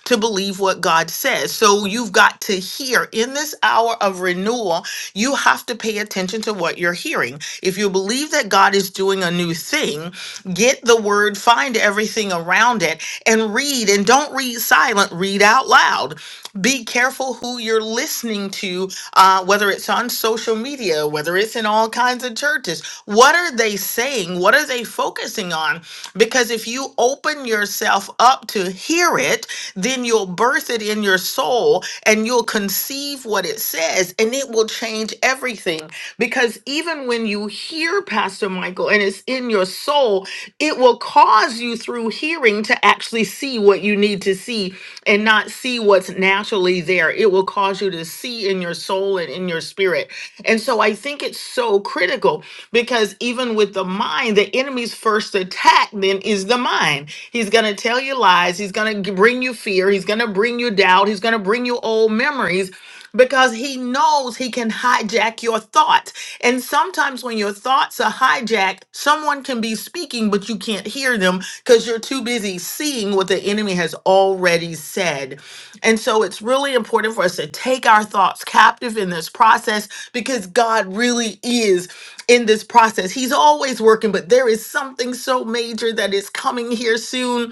Speaker 4: to believe what God says. So you've got to hear in this hour of renewal, you have to pay attention to what you're hearing. If you believe that God is doing a new thing, get the word, find everything around it, and read. And don't read silent, read out loud be careful who you're listening to, uh, whether it's on social media, whether it's in all kinds of churches. What are they saying? What are they focusing on? Because if you open yourself up to hear it, then you'll birth it in your soul and you'll conceive what it says and it will change everything. Because even when you hear Pastor Michael and it's in your your soul, it will cause you through hearing to actually see what you need to see and not see what's naturally there. It will cause you to see in your soul and in your spirit. And so I think it's so critical because even with the mind, the enemy's first attack then is the mind. He's going to tell you lies. He's going to bring you fear. He's going to bring you doubt. He's going to bring you old memories because he knows he can hijack your thoughts, And sometimes when your thoughts are hijacked, someone can be speaking, but you can't hear them because you're too busy seeing what the enemy has already said. And so it's really important for us to take our thoughts captive in this process because God really is in this process. He's always working, but there is something so major that is coming here soon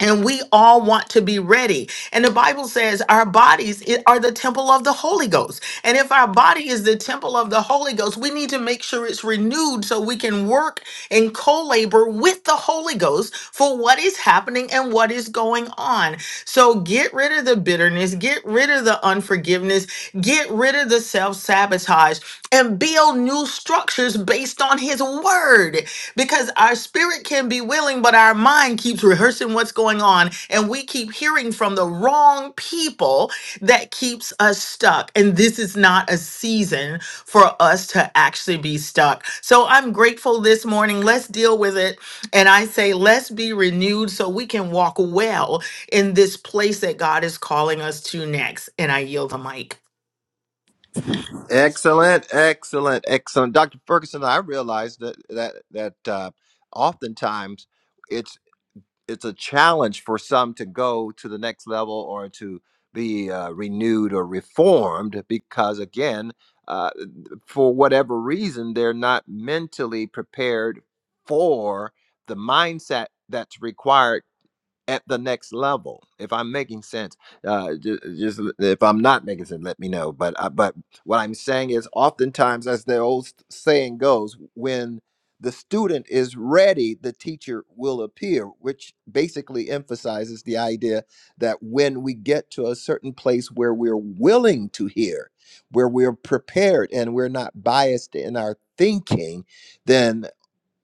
Speaker 4: and we all want to be ready. And the Bible says our bodies i- are the temple of the Holy Ghost. And if our body is the temple of the Holy Ghost, we need to make sure it's renewed so we can work and co labor with the Holy Ghost for what is happening and what is going on. So so get rid of the bitterness, get rid of the unforgiveness, get rid of the self sabotage, and build new structures based on His word. Because our spirit can be willing, but our mind keeps rehearsing what's going on, and we keep hearing from the wrong people that keeps us stuck. And this is not a season for us to actually be stuck. So I'm grateful this morning. Let's deal with it. And I say, let's be renewed so we can walk well in this place that God is calling us to next. And I yield the mic.
Speaker 1: Excellent, excellent, excellent. Dr. Ferguson, I realized that that that uh, oftentimes it's it's a challenge for some to go to the next level or to be uh, renewed or reformed because again, uh, for whatever reason, they're not mentally prepared for the mindset that's required at the next level. If I'm making sense, uh, ju- just if I'm not making sense, let me know. But uh, but what I'm saying is, oftentimes, as the old s- saying goes, when the student is ready, the teacher will appear, which basically emphasizes the idea that when we get to a certain place where we're willing to hear, where we're prepared and we're not biased in our thinking, then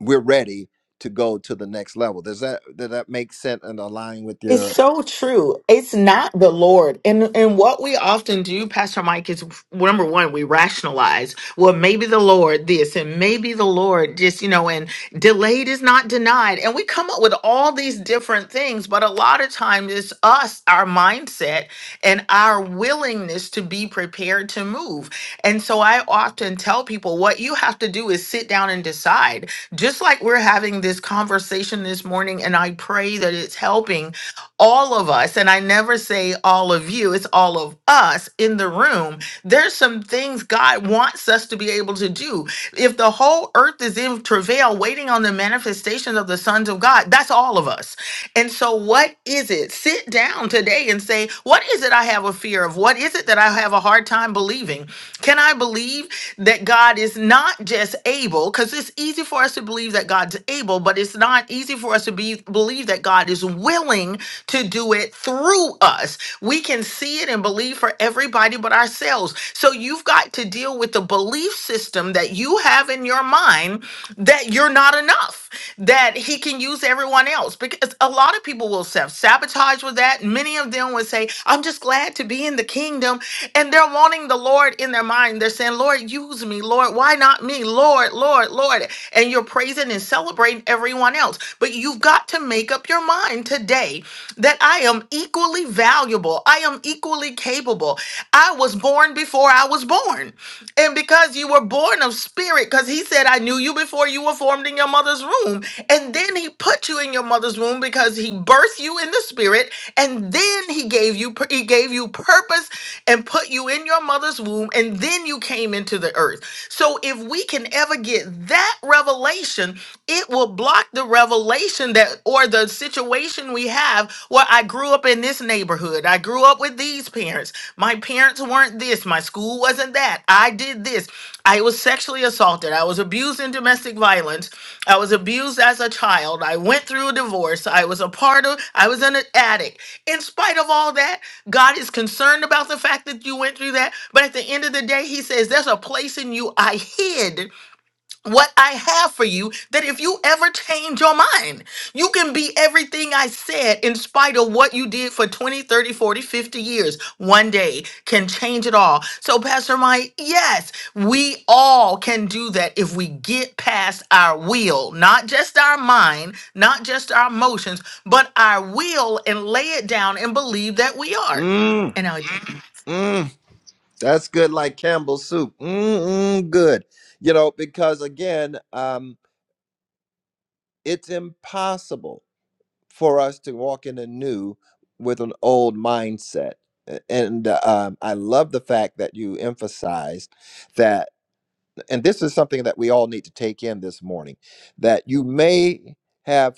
Speaker 1: we're ready to go to the next level. Does that does that make sense and align with
Speaker 4: It's
Speaker 1: your?
Speaker 4: so true. It's not the Lord. And and what we often do, Pastor Mike, is number one, we rationalize. Well, maybe the Lord this and maybe the Lord just, you know, and delayed is not denied. And we come up with all these different things, but a lot of times it's us, our mindset, and our willingness to be prepared to move. And so I often tell people what you have to do is sit down and decide. Just like we're having this conversation this morning, and I pray that it's helping all of us, and I never say all of you, it's all of us in the room. There's some things God wants us to be able to do. If the whole earth is in travail, waiting on the manifestation of the sons of God, that's all of us. And so, what is it? Sit down today and say, What is it I have a fear of? What is it that I have a hard time believing? Can I believe that God is not just able? Because it's easy for us to believe that God's able, but it's not easy for us to be believe believe that God is willing to do it through us. We can see it and believe for everybody but ourselves. So you've got to deal with the belief system that you have in your mind that you're not enough, that He can use everyone else. Because a lot of people will self sabotage with that. Many of them would say, I'm just glad to be in the kingdom. And they're wanting the Lord in their mind. They're saying, Lord, use me. Lord, why not me? Lord, Lord, Lord. And you're praising and celebrating everyone someone else. But you've got to make up your mind today that I am equally valuable. I am equally capable. I was born before I was born. And because you were born of spirit, because he said, I knew you before you were formed in your mother's womb. And then he put you in your mother's womb because he birthed you in the spirit. And then he gave you he gave you purpose and put you in your mother's womb. And then you came into the earth. So if we can ever get that revelation, revelation, it will block the revelation that or the situation we have where I grew up in this neighborhood. I grew up with these parents. My parents weren't this. My school wasn't that. I did this. I was sexually assaulted. I was abused in domestic violence. I was abused as a child. I went through a divorce. I was a part of, I was an addict. In spite of all that, God is concerned about the fact that you went through that. But at the end of the day, He says, There's a place in you I hid what I have for you that if you ever change your mind, you can be everything I said in spite of what you did for 20, 30, 40, 50 years. One day can change it all. So, Pastor Mike, yes, we all can do that if we get past our will, not just our mind, not just our emotions, but our will and lay it down and believe that we are.
Speaker 1: Mm,
Speaker 4: And I'll.
Speaker 1: mm, that's good, like Campbell's soup. Mm, mm, good. You know, because again, um, it's impossible for us to walk in the new with an old mindset. A- And uh, um, I love the fact that you emphasized that, and this is something that we all need to take in this morning. That you may have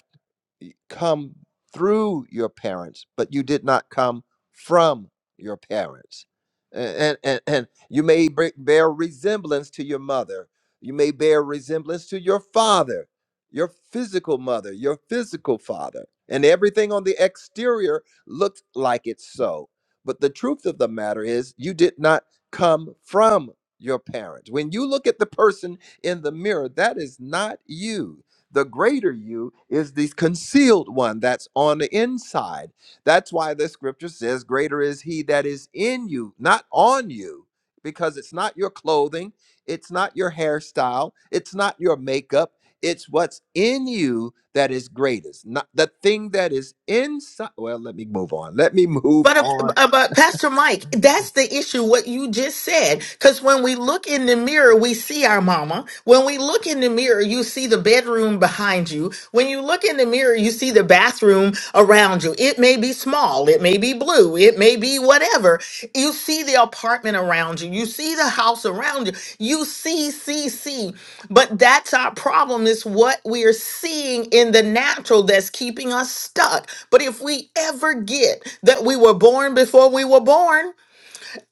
Speaker 1: come through your parents, but you did not come from your parents. And, and, and you may bre- bear resemblance to your mother. You may bear resemblance to your father, your physical mother, your physical father. And everything on the exterior looks like it's so. But the truth of the matter is, you did not come from your parents. When you look at the person in the mirror, that is not you the greater you is the concealed one that's on the inside. That's why the scripture says, Greater is he that is in you, not on you, because it's not your clothing, it's not your hairstyle, it's not your makeup, it's what's in you that is greatest. Not the thing that is inside. Well, let me move on. Let me move
Speaker 4: But, uh,
Speaker 1: on.
Speaker 4: uh, but Pastor Mike, that's the issue, what you just said. Because when we look in the mirror, we see our mama. When we look in the mirror, you see the bedroom behind you. When you look in the mirror, you see the bathroom around you. It may be small, it may be blue, it may be whatever whatever, you see the apartment around you, you see the house around you, you see, see, see. But that's our problem, is what we are seeing in the natural that's keeping us stuck. But if we ever get that we were born before we were born,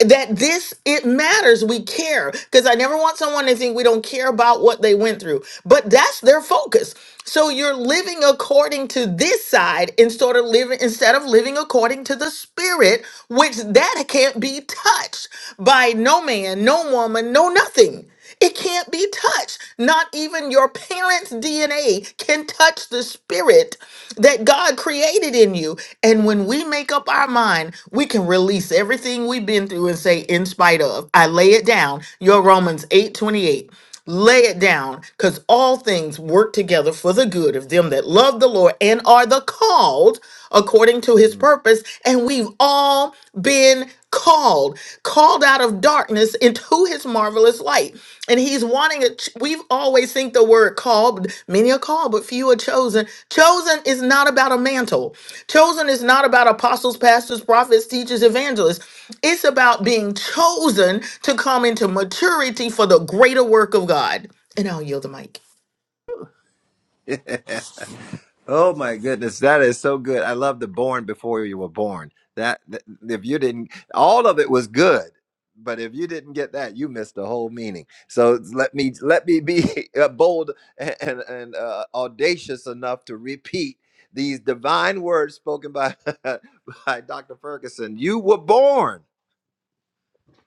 Speaker 4: that this it matters we care because i never want someone to think we don't care about what they went through but that's their focus so you're living according to this side instead of living instead of living according to the spirit which that can't be touched by no man no woman no nothing it can't be touched. Not even your parents' DNA can touch the spirit that God created in you. And when we make up our mind, we can release everything we've been through and say, in spite of, I lay it down. Your Romans 8 28. Lay it down because all things work together for the good of them that love the Lord and are the called according to his purpose. And we've all been called, called out of darkness into his marvelous light. And he's wanting it. We've always think the word called, many are called, but few are chosen. Chosen is not about a mantle. Chosen is not about apostles, pastors, prophets, teachers, evangelists. It's about being chosen to come into maturity for the greater work of God. And I'll yield the mic.
Speaker 1: *laughs* Oh my goodness, that is so good. I love the born before you were born. That that- if you didn't, all of it was good, but if you didn't get that, you missed the whole meaning. So let me let me be *laughs* uh, bold and and uh, audacious enough to repeat these divine words spoken by *laughs* by Dr. Ferguson. You were born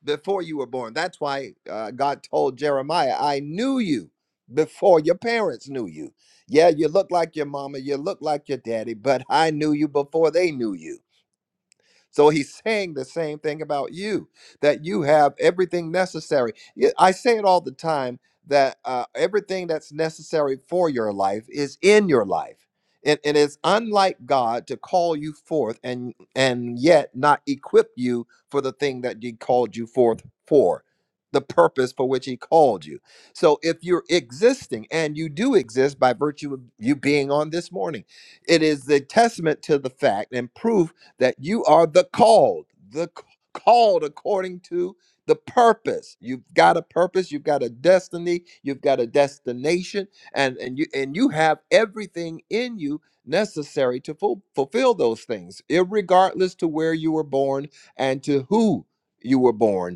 Speaker 1: before you were born. That's why uh, God told Jeremiah, I knew you before your parents knew you. Yeah, you look like your mama, you look like your daddy, but I knew you before they knew you. So he's saying the same thing about you that you have everything necessary. Yeah, I say it all the time that uh, everything that's necessary for your life is in your life. It, it is unlike God to call you forth and and yet not equip you for the thing that He called you forth for, the purpose for which He called you. So if you're existing and you do exist by virtue of you being on this morning, it is a testament to the fact and proof that you are the called, the c- called according to the purpose. You've got a purpose, you've got a destiny, you've got a destination, and and you and you have everything in you necessary to ful- fulfill those things, irregardless to where you were born and to who you were born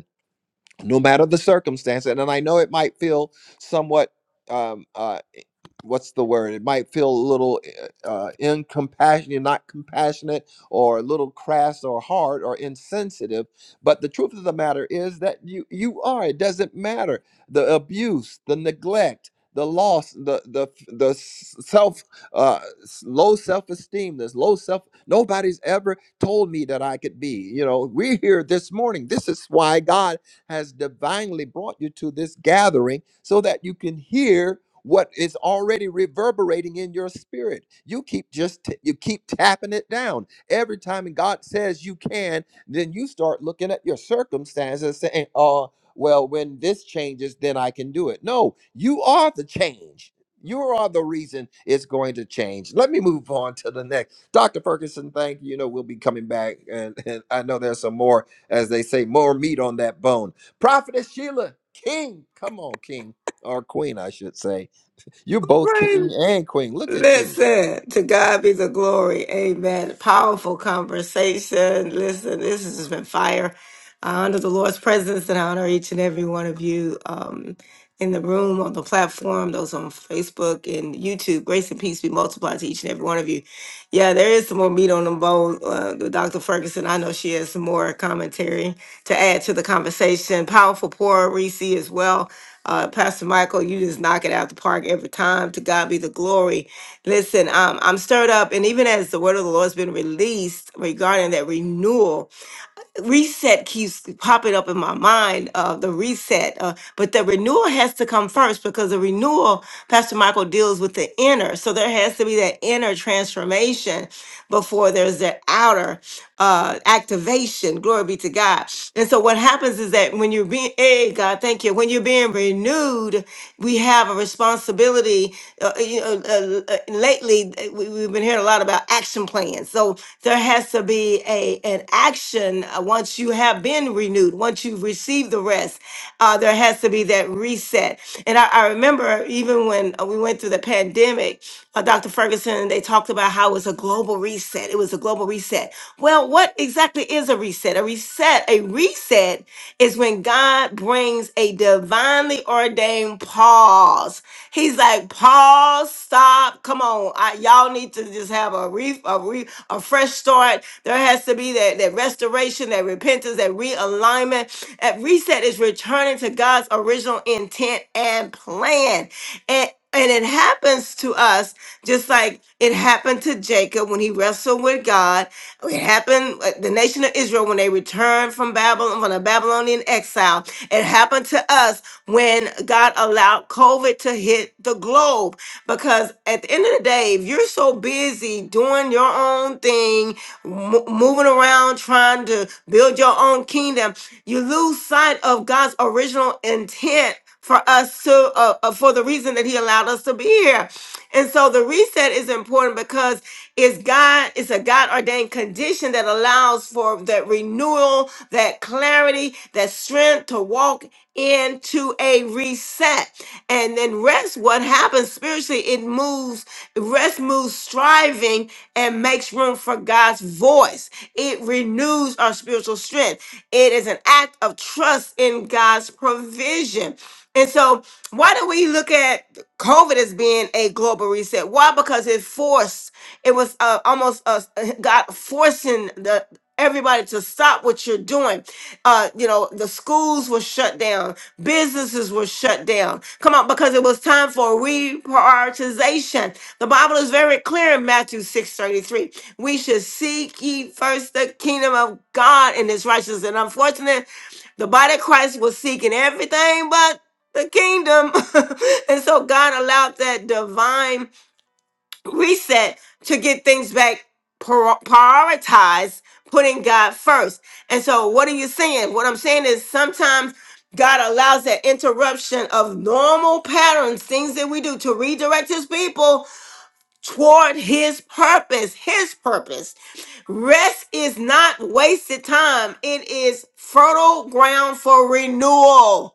Speaker 1: no matter the circumstance. And, and I know it might feel somewhat, um, uh, i- what's the word? It might feel a little eh, uh, uh, incompassionate, not compassionate, or a little crass, or hard, or insensitive. But the truth of the matter is that you you are. It doesn't matter the abuse, the neglect. The loss, the the the s- self, uh, s- low self esteem. This low self. Nobody's ever told me that I could be. You know, we're here this morning. This is why God has divinely brought you to this gathering so that you can hear what is already reverberating in your spirit. You keep just t- you keep tapping it down. Every time God says you can, then you start looking at your circumstances saying, "Oh, well, when this changes, then I can do it." No, you are the change. You are the reason it's going to change. Let me move on to the next. Dr. Ferguson, thank you. You know, we'll be coming back. And, and I know there's some more, as they say, more meat on that bone. Prophetess Sheila, King. Come on, King. Or Queen, I should say. You're both
Speaker 2: Bring.
Speaker 1: King and Queen. Look at you.
Speaker 2: Listen, to God be the glory. Amen. Powerful conversation. Listen, this has been fire. I honor the Lord's presence and I honor each and every one of you um, in the room, on the platform, those on Facebook and YouTube. Grace and peace be multiplied to each and every one of you. Yeah, there is some more meat on the bone. Uh, Dr. Ferguson, I know she has some more commentary to add to the conversation. Powerful poor Reese as well. Uh, Pastor Michael, you just knock it out the park every time. To God be the glory. Listen, um, I'm stirred up, and even as the word of the Lord has been released regarding that renewal, reset keeps popping up in my mind uh the reset uh but the renewal has to come first because the renewal pastor michael deals with the inner so there has to be that inner transformation before there's that outer uh activation glory be to god and so what happens is that when you're being hey god thank you when you're being renewed we have a responsibility Uh, uh, uh, lately uh, we, we've been hearing a lot about action plans. So there has to be a an action uh, once you have been renewed, once you've received the rest. Uh, there has to be that reset. And I, I remember even when uh, we went through the pandemic, uh, Dr. Ferguson, they talked about how it's a global reset. It was a global reset. Well, what exactly is a reset? A reset, a reset is when God brings a divinely ordained pause He's like, pause, stop. Come on, I, y'all need to just have a re, a re, a fresh start. There has to be that that restoration, that repentance, that realignment. That reset is returning to God's original intent and plan. And and it happens to us just like it happened to Jacob when he wrestled with God it happened uh, the nation of Israel when they returned from Babylon from the Babylonian exile. It happened to us when God allowed COVID to hit the globe. Because at the end of the day, if you're so busy doing your own thing, mo- moving around trying to build your own kingdom, you lose sight of God's original intent for us to uh, uh, for the reason that he allowed us to be here and so the reset is important because it's god it's a god ordained condition that allows for that renewal that clarity that strength to walk into a reset and then rest what happens because spiritually it moves, rest moves striving and makes room for God's voice. It renews our spiritual strength. It is an act of trust in God's provision. And so, why do we look at COVID as being a global reset? Why? Because it forced, it was uh, almost uh, God forcing the everybody to stop what you're doing. Uh, you know, the schools were shut down, Businesses were shut down. Come on, because it was time for reprioritization. The Bible is very clear in Matthew 6:33. We should seek ye first the kingdom of God and his righteousness. And unfortunately, the body of Christ was seeking everything but the kingdom. *laughs* and so God allowed that divine reset to get things back prior- prioritized putting god first and so what are you saying what i'm saying is sometimes god allows that interruption of normal patterns things that we do to redirect his people toward his purpose his purpose rest is not wasted time it is fertile ground for renewal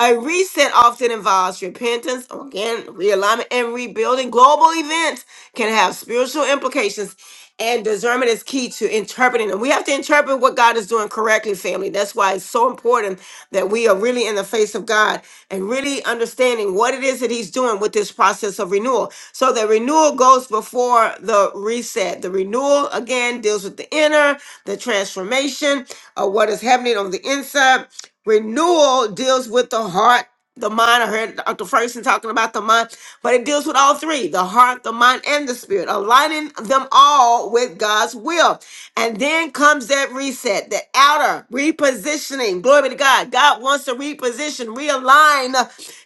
Speaker 2: a reset often involves repentance, again, realignment, and rebuilding. Global events can have spiritual implications and discernment is key to interpreting. And we have to interpret what God is doing correctly, family. That's why it's so important that we are really in the face of God and really understanding what it is that He's doing with this process of renewal. So the renewal goes before the reset. The renewal, again, deals with the inner, the transformation of what is happening on the inside. Renewal deals with the heart the mind. I heard Dr. Ferguson talking about the mind, but it deals with all three the heart, the mind, and the spirit, aligning them all with God's will. And then comes that reset, the outer repositioning. Glory be to God. God wants to reposition, realign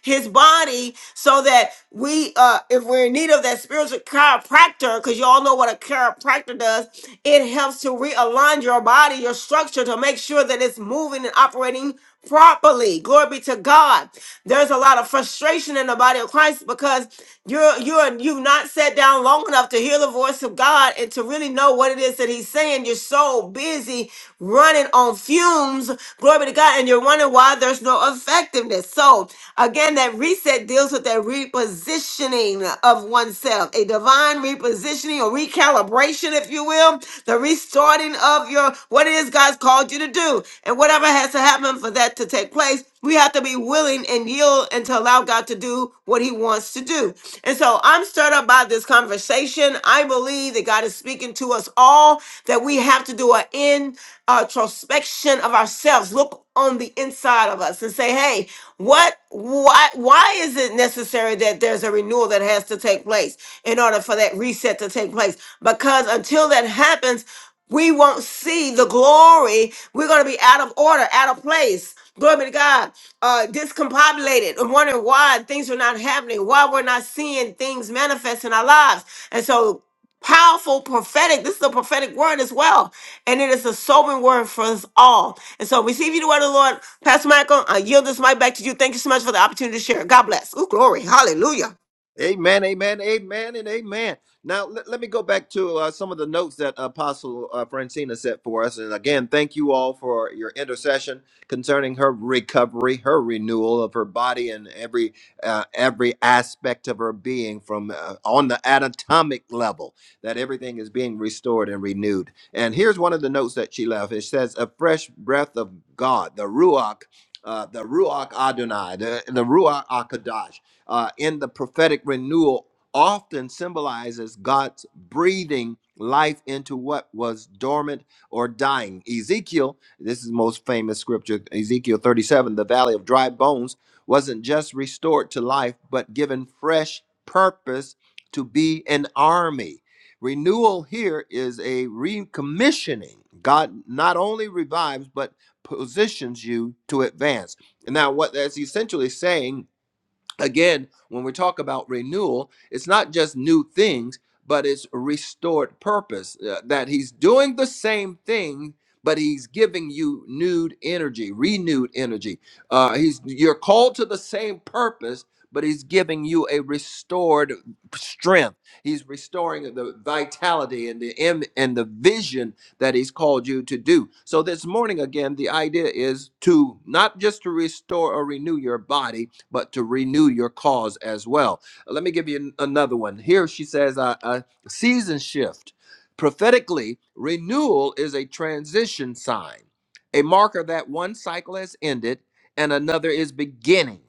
Speaker 2: his body so that we, uh, if we're in need of that spiritual chiropractor, because you all know what a chiropractor does, it helps to realign your body, your structure to make sure that it's moving and operating properly. Glory be to God. There's a lot of frustration in the body of Christ because you're you're you've not sat down long enough to hear the voice of God and to really know what it is that He's saying. You're so busy running on fumes, glory be to God, and you're wondering why there's no effectiveness. So again, that reset deals with that repositioning of oneself, a divine repositioning repositioning or recalibration, if you will, the restarting of your what it is God's called you to do. And whatever has to happen for that to take place, we have to be willing and yield and to allow God to do what he wants to do. And so I'm stirred up by this conversation. I believe that God is speaking to us all, that we have to do an introspection of ourselves. Look on the inside inside of us and say, hey, what, why, why is it necessary that there's a renewal that has to take place in order for that reset to take place? Because until that happens, we won't see the glory. We're going to be out of order, out of place. Glory be to God. Uh, discombobulated and wondering why things are not happening, why we're not seeing things manifest in our lives. And so powerful prophetic. This is a prophetic word as well. And it is a sobering word for us all. And so receive you the word of the Lord. Pastor Michael, I yield this mic back to you. Thank you so much for the opportunity to share. God bless. Ooh, glory. Hallelujah.
Speaker 1: Amen, amen, amen, and amen. Now, let, let me go back to uh, some of the notes that Apostle uh, Francina set for us. And again, thank you all for your intercession concerning her recovery, her renewal of her body, and every uh, every aspect of her being from uh, on the atomic level, that everything is being restored and renewed. And here's one of the notes that she left. It says, A fresh breath of God, the Ruach. Uh, the Ruach Adonai, the, the Ruach Akadash uh, in the prophetic renewal often symbolizes God's breathing life into what was dormant or dying. Ezekiel, this is the most famous scripture, Ezekiel 37, the valley of dry bones, wasn't just restored to life, but given fresh purpose to be an army. Renewal here is a recommissioning. God not only revives, but positions you to advance. And now, what that's essentially saying again, when we talk about renewal, it's not just new things, but it's restored purpose uh, that he's doing the same thing. But he's giving you renewed energy, renewed energy. Uh, he's you're called to the same purpose, but he's giving you a restored strength. He's restoring the vitality and the im- and the vision that he's called you to do. So this morning again, the idea is to not just to restore or renew your body, but to renew your cause as well. Let me give you an- another one. Here she says uh, a season shift. Prophetically, renewal is a transition sign, a marker that one cycle has ended and another is beginning.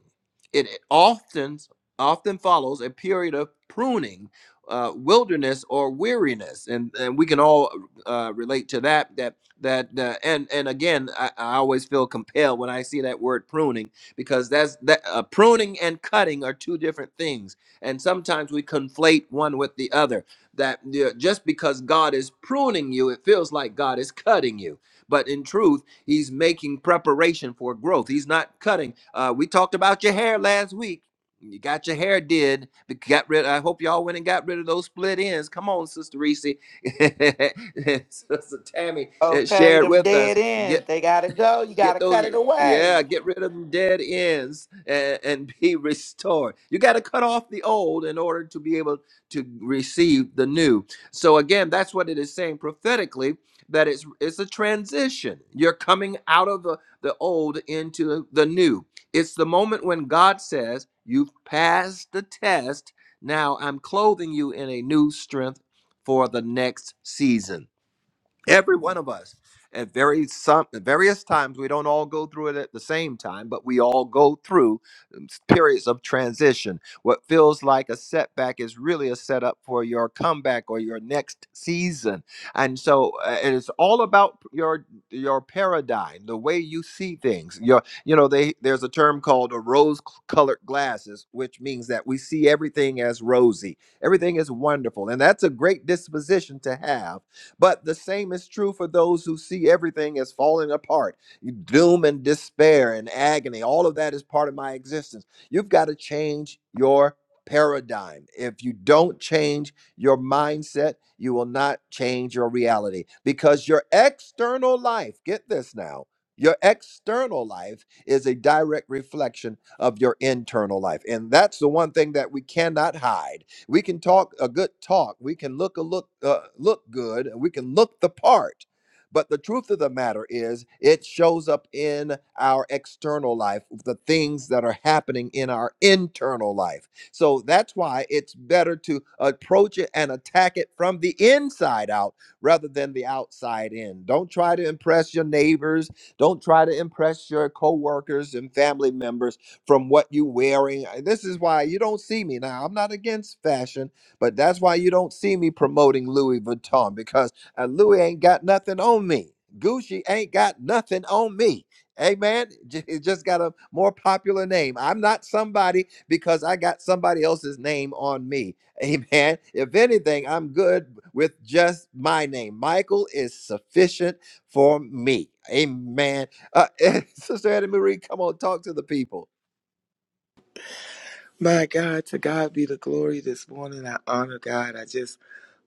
Speaker 1: It often often follows a period of pruning, uh, wilderness, or weariness, and and we can all uh, relate to that. That that uh, and and again, I, I always feel compelled when I see that word pruning because that's that uh, pruning and cutting are two different things, and sometimes we conflate one with the other. That you know, just because God is pruning you, it feels like God is cutting you, but in truth, He's making preparation for growth. He's not cutting. Uh, we talked about your hair last week. You got your hair did. Got rid. I hope y'all went and got rid of those split ends. Come on, Sister Reese. *laughs* So so Tammy uh,
Speaker 3: Okay,
Speaker 1: shared
Speaker 3: them
Speaker 1: with us.
Speaker 3: dead ends, they got to go. You got
Speaker 1: Get
Speaker 3: to cut it
Speaker 1: those,
Speaker 3: away.
Speaker 1: yeah, get rid of them dead ends and, and be *laughs* restored. You got to cut off the old in order to be able to receive the new. So again, that's what it is saying prophetically that it's it's a transition. You're coming out of the, the old into the new. It's the moment when God says, You've passed the test. Now I'm clothing you in a new strength for the next season. Every one of us at very some at various times we don't all go through it at the same time, but we all go through um, s- periods of transition. What feels like a setback is really a setup for your comeback or your next season. And so uh, it is all about your your paradigm, the way you see things. Your you know they there's a term called a rose c- colored glasses, which means that we see everything as rosy. Everything is wonderful, and that's a great disposition to have but the same is true for those who see everything as falling apart. Doom and despair and agony, all of that is part of my existence. You've got to change your paradigm. If you don't change your mindset, you will not change your reality because your external life, get this now, your external life is a direct reflection of your internal life. And that's the one thing that we cannot hide we can talk a good talk. We can look a look uh, look good. We can look the part. But the truth of the matter is, it shows up in our external life, the things that are happening in our internal life. So that's why it's better to approach it and attack it from the inside out rather than the outside in. Don't try to impress your neighbors. Don't try to impress your coworkers and family members from what you wearing. Uh, This is why you don't see me now. I'm not against fashion, but that's why you don't see me promoting Louis Vuitton because uh, Louis ain't got nothing on me. Gucci ain't got nothing on me. Amen. *laughs* J- It just got a more popular name. I'm not somebody because I got somebody else's name on me. *laughs* Amen. If anything, I'm good with just my name. Michael is sufficient for me. Amen. Uh, *laughs* Sister Anna Marie, come on, talk to the people.
Speaker 5: My God, to God be the glory this morning. I honor God. I just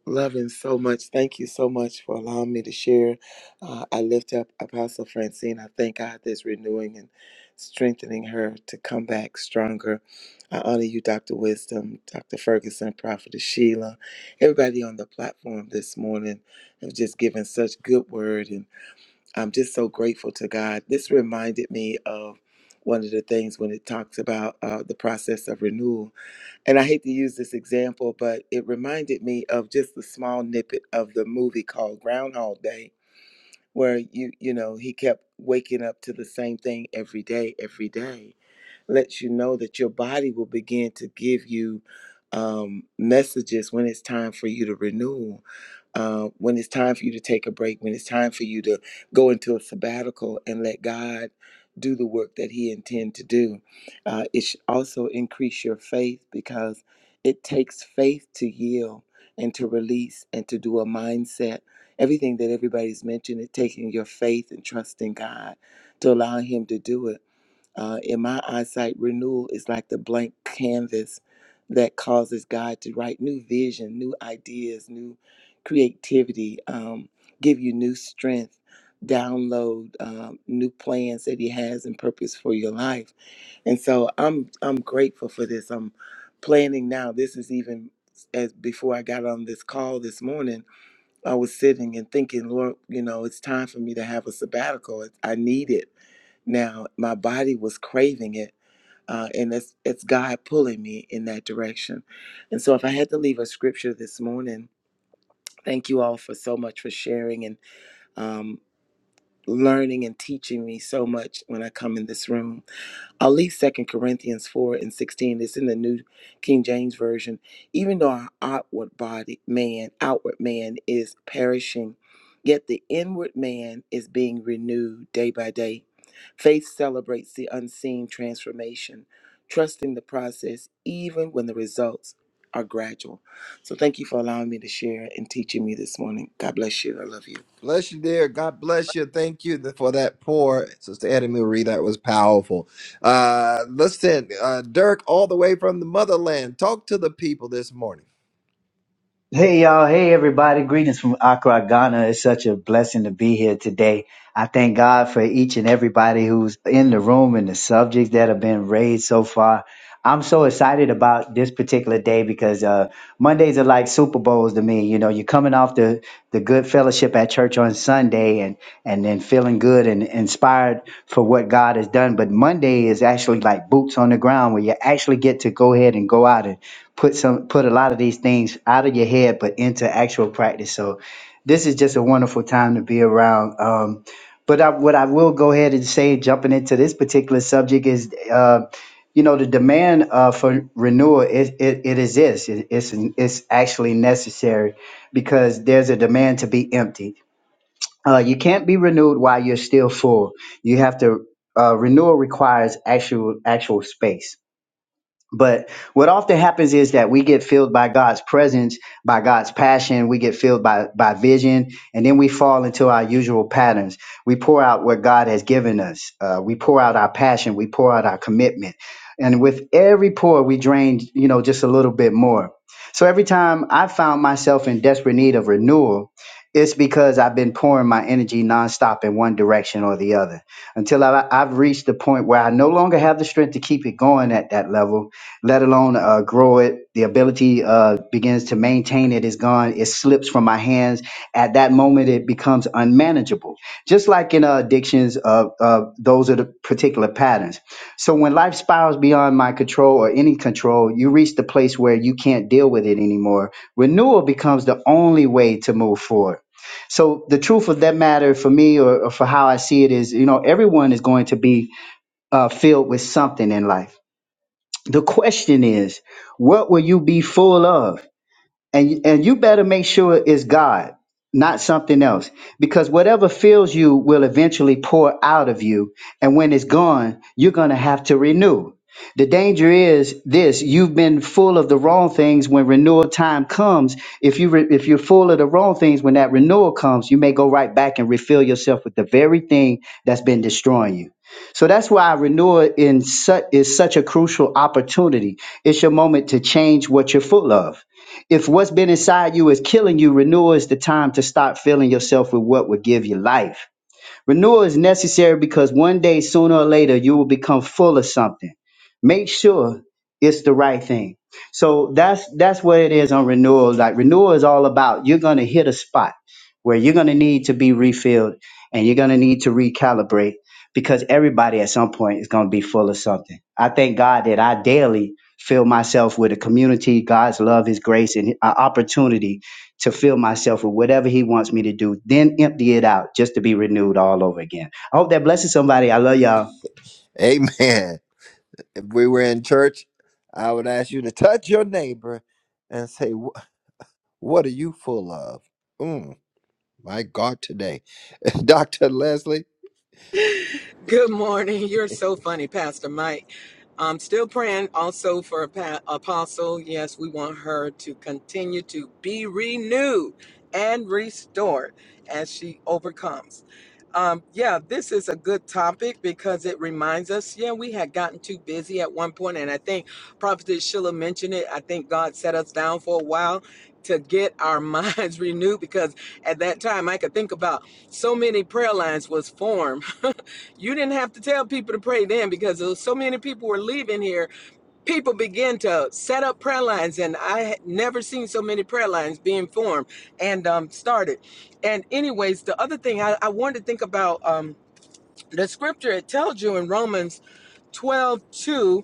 Speaker 5: love Him so much. Thank you so much for allowing me to share. Uh, I lift up Apostle Francine. I thank God that's renewing and strengthening her to come back stronger. I honor you, Dr. Wisdom, Dr. Ferguson, Prophetess Sheila, everybody on the platform this morning have just given such good word. And I'm just so grateful to God. This reminded me of one of the things when it talks about uh, the process of renewal and I hate to use this example, but it reminded me of just the small snippet of the movie called Groundhog Day, where you you know he kept waking up to the same thing every day, every day lets you know that your body will begin to give you um, messages when it's time for you to renew, uh, when it's time for you to take a break, when it's time for you to go into a sabbatical and let God do the work that He intend to do. Uh, it should also increase your faith because it takes faith to yield and to release and to do a mindset. Everything that everybody's mentioned, it taking your faith and trusting God to allow Him to do it uh, in my eyesight, renewal is like the blank canvas that causes God to write new vision, new ideas, new creativity, um, give you new strength, download um, new plans that He has and purpose for your life. And so I'm I'm grateful for this. I'm planning now. This is even as before I got on this call this morning. I was sitting and thinking, Lord, you know, it's time for me to have a sabbatical. It- I need it now. My body was craving it. Uh, and it's, it's God pulling me in that direction. And so, if I had to leave a scripture this morning, thank you all for so much for sharing and um, learning and teaching me so much when I come in this room. I'll leave 2 Corinthians 4 and 16. It's in the New King James Version. Even though our outward body, man, outward man is perishing, yet the inward man is being renewed day by day. Faith celebrates the unseen transformation, trusting the process even when the results are gradual. So thank you for allowing me to share and teaching me this morning. God bless you. I love you.
Speaker 1: Bless you, dear. God bless you. Thank you th- for that pour, Sister Eddie Marie. That was powerful. Uh, listen, uh, Dirk, all the way from the motherland, talk to the people this morning.
Speaker 6: Hey y'all, hey everybody. Greetings from Accra, Ghana. It's such a blessing to be here today. I thank God for each and everybody who's in the room and the subjects that have been raised so far. I'm so excited about this particular day because uh, Mondays are like Super Bowls to me. You know, you're coming off the, the good fellowship at church on Sunday and, and then feeling good and inspired for what God has done. But Monday is actually like boots on the ground where you actually get to go ahead and go out and put some put a lot of these things out of your head but into actual practice so this is just a wonderful time to be around um, but I, what i will go ahead and say jumping into this particular subject is uh, you know the demand uh, for renewal it, it, it exists it, it's, it's actually necessary because there's a demand to be emptied uh, you can't be renewed while you're still full you have to uh, renewal requires actual actual space but what often happens is that we get filled by God's presence, by God's passion, we get filled by, by vision, and then we fall into our usual patterns. We pour out what God has given us, uh, we pour out our passion, we pour out our commitment. And with every pour, we drain, you know, just a little bit more. So every time I found myself in desperate need of renewal, it's because I've been pouring my energy nonstop in one direction or the other until I, I've reached the point where I no longer have the strength to keep it going at that level let alone uh, grow it. The ability uh, begins to maintain it is gone. It slips from my hands. At that moment, it becomes unmanageable. Just like in uh, addictions, uh, uh, those are the particular patterns. So when life spirals beyond my control or any control, you reach the place where you can't deal with it anymore. Renewal becomes the only way to move forward. So the truth of that matter for me or, or for how I see it is, you know, everyone is going to be uh, filled with something in life the question is, what will you be full of? and and you better make sure it's God, not something else, because whatever fills you will eventually pour out of you, and when it's gone, you're gonna have to renew. The danger is this: you've been full of the wrong things. When renewal time comes, if you re- if you're full of the wrong things, when that renewal comes, you may go right back and refill yourself with the very thing that's been destroying you. So that's why renewal in such is such a crucial opportunity. It's your moment to change what you're full of if what's been inside you is killing you, renewal is the time to stop filling yourself with what would give you life. Renewal is necessary because one day, sooner or later, you will become full of something. Make sure it's the right thing. So that's that's what it is on renewal. Like renewal is all about you're gonna hit a spot where you're gonna need to be refilled and you're gonna need to recalibrate because everybody at some point is gonna be full of something. I thank God that I daily fill myself with a community, God's love, His grace, and an opportunity to fill myself with whatever he wants me to do, then empty it out just to be renewed all over again. I hope that blesses somebody. I love y'all.
Speaker 1: *laughs* Amen. If we were in church, I would ask you to touch your neighbor and say, "Wh- What are you full of? Mm, my God, today. *laughs* Dr. Leslie.
Speaker 7: Good morning. You're so funny, Pastor Mike. I'm still praying also for pa- Apostle. Yes, we want her to continue to be renewed and restored as she overcomes. Um, yeah, this is a good topic because it reminds us, yeah, we had gotten too busy at one point, and I think Prophet Sheila mentioned it. I think God set us down for a while to get our *laughs* minds renewed because at that time I could think about so many prayer lines was formed *laughs* You didn't have to tell people to pray then because there was so many people were leaving here. People began to set up prayer lines, and I had never seen so many prayer lines being formed and um, started. And, anyways, the other thing I, I wanted to think about um, the scripture, it tells you in Romans twelve two.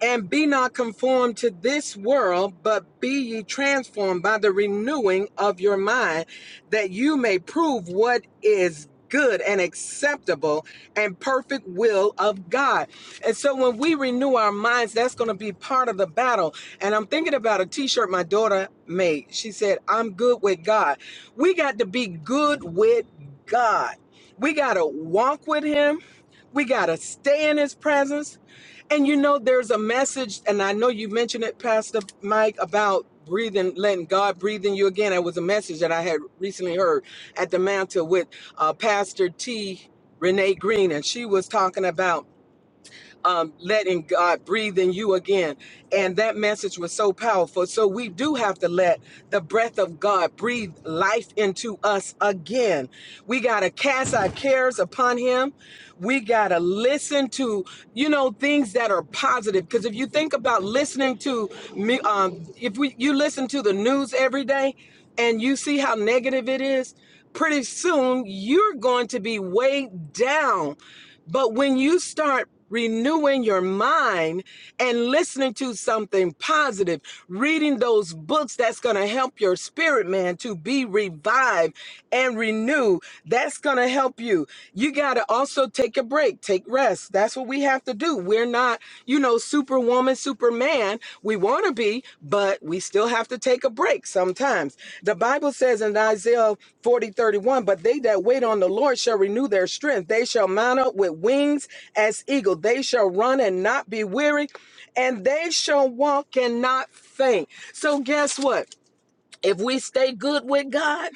Speaker 7: And be not conformed to this world, but be ye transformed by the renewing of your mind, that you may prove what is good and acceptable and perfect will of God. And so when we renew our minds, that's going to be part of the battle. And I'm thinking about a t shirt my daughter made. She said, I'm good with God. We got to be good with God. We got to walk with Him. We got to stay in His presence. And you know, there's a message, and I know you mentioned it, Pastor Mike, about breathing, letting God breathe in you again. It was a message that I had recently heard at the mantle with uh, Pastor T. Renee Green, and she was talking about um, letting God breathe in you again. And that message was so powerful. So we do have to let the breath of God breathe life into us again. We got to cast our cares upon Him. We got to listen to, you know, things that are positive. Because if you think about listening to me, um, if we, you listen to the news every day and you see how negative it is, pretty soon you're going to be weighed down. But when you start renewing your mind and listening to something positive, reading those books that's going to help your spirit, man, to be revived and renewed. That's going to help you. You got to also take a break, take rest. That's what we have to do. We're not, you know, superwoman, superman and we want to be, but we still have to take a break sometimes. The Bible says in Isaiah 40:31, but they that wait on the Lord shall renew their strength. They shall mount up with wings as eagle. They shall run and not be weary, and they shall walk and not faint. So, guess what? If we stay good with God,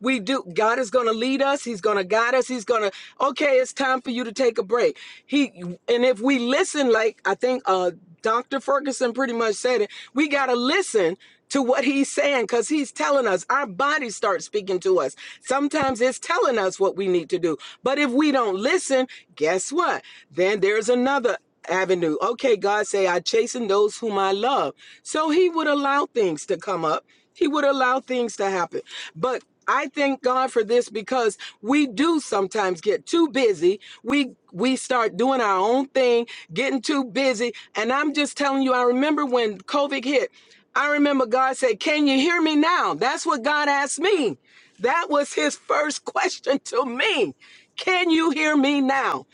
Speaker 7: we do. God is going to lead us. He's going to guide us. He's going to, okay, it's time for you to take a break. He, and if we listen, like I think uh, Dr. Ferguson pretty much said it, we got to listen to what he's saying because he's telling us our bodies start speaking to us sometimes it's telling us what we need to do but if we don't listen guess what then there's another avenue. Okay, God say, I chasten those whom I love. So he would allow things to come up. He would allow things to happen. But I thank God for this because we do sometimes get too busy. We we start doing our own thing, getting too busy. And I'm just telling you, I remember when COVID hit, I remember God said, Can you hear me now? That's what God asked me. That was his *laughs* first question to me. Can you hear me now?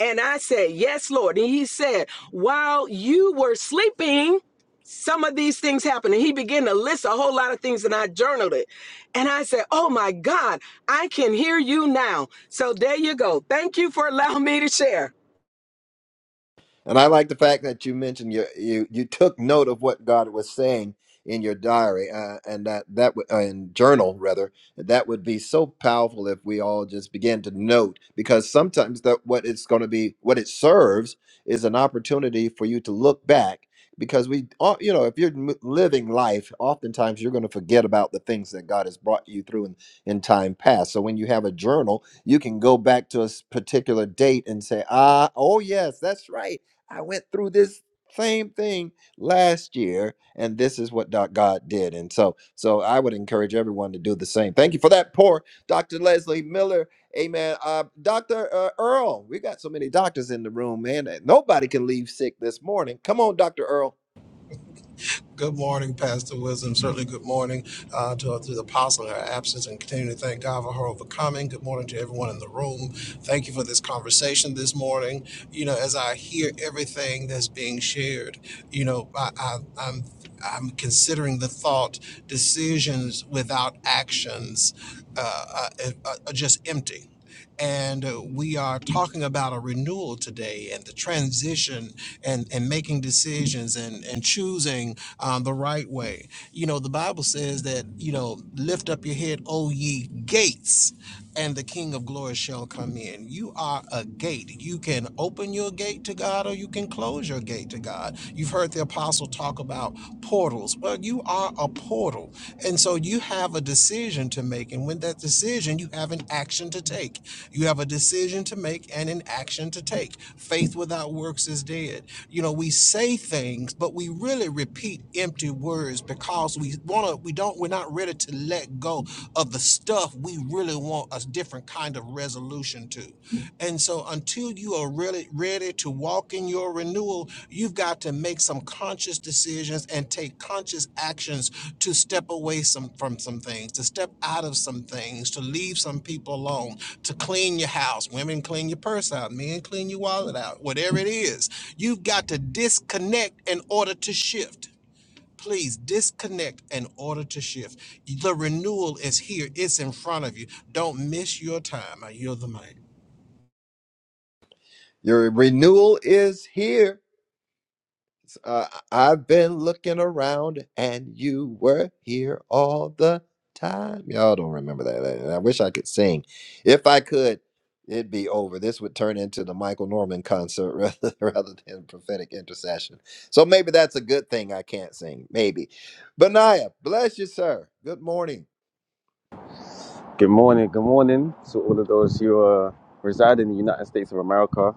Speaker 7: And I said, Yes, Lord. And he said, While you were sleeping, some of these things happened. And he began to list a whole lot of things, and I journaled it. And I said, Oh my God, I can hear you now. So there you go. Thank you for allowing me to share.
Speaker 1: And I like the fact that you mentioned you you you took note of what God was saying in your diary uh, and that that would- uh, and journal rather that would be so powerful if we all just began to note because sometimes that what it's going to be what it serves is an opportunity for you to look back because we all you know if you're m- living life oftentimes you're going to forget about the things that God has brought you through in, in time past so when you have a journal you can go back to a s- particular date and say ah oh yes that's right I went through this same thing last year, and this is what doc- God did. And so, so I would encourage everyone to do the same. Thank you for that pour, Dr. Leslie Miller. Amen. Uh, Dr. Uh, Earl, we got so many doctors in the room, man. Nobody can leave sick this morning. Come on, Dr. Earl.
Speaker 8: Good morning, Pastor Wisdom. Certainly, good morning uh, to, to the apostle in her absence and continue to thank God for her overcoming. Good morning to everyone in the room. Thank you for this conversation this morning. You know, as I hear everything that's being shared, you know, I, I, I'm I'm considering the thought decisions without actions uh, uh, uh, are just empty and uh, we are talking about a renewal today and the transition and, and making decisions and, and choosing um, the right way. You know, the Bible says that, you know, lift up your head, O ye gates, and the King of glory shall come in. You are a gate. You can open your gate to God or you can close your gate to God. You've heard the apostle talk about about portals. Well, you are a portal. And so you have a decision to make. And with that decision, you have an action to take. You have a decision to make and an action to take. Faith without works is dead. You know, we say things, but we really repeat empty words because we want to, we don't, we're not ready to let go of the stuff we really want a different kind of revelation resolution to. And so until you are really ready to walk in your renewal, you've got to make some conscious decisions and take conscious actions to step away some from some things, to step out of some things, to leave some people alone, to clean your house. Women clean your purse out, men clean your wallet out, whatever it is. You've got to disconnect in order to shift. Please disconnect in order to shift. The renewal is here, it's in front of you. Don't miss your time. I yield the mic.
Speaker 1: Your renewal is here. So, Uh, I've been looking around and you were here all the time. Y'all don't remember that. And I wish I could sing. If I could, it'd be over. This would turn into the Michael Norman concert *laughs* rather, rather than prophetic intercession. So maybe that's a good thing I can't sing. Maybe. Benaiah, bless you, sir. Good morning.
Speaker 9: Good morning, good morning to all of those who are reside in the United States of America.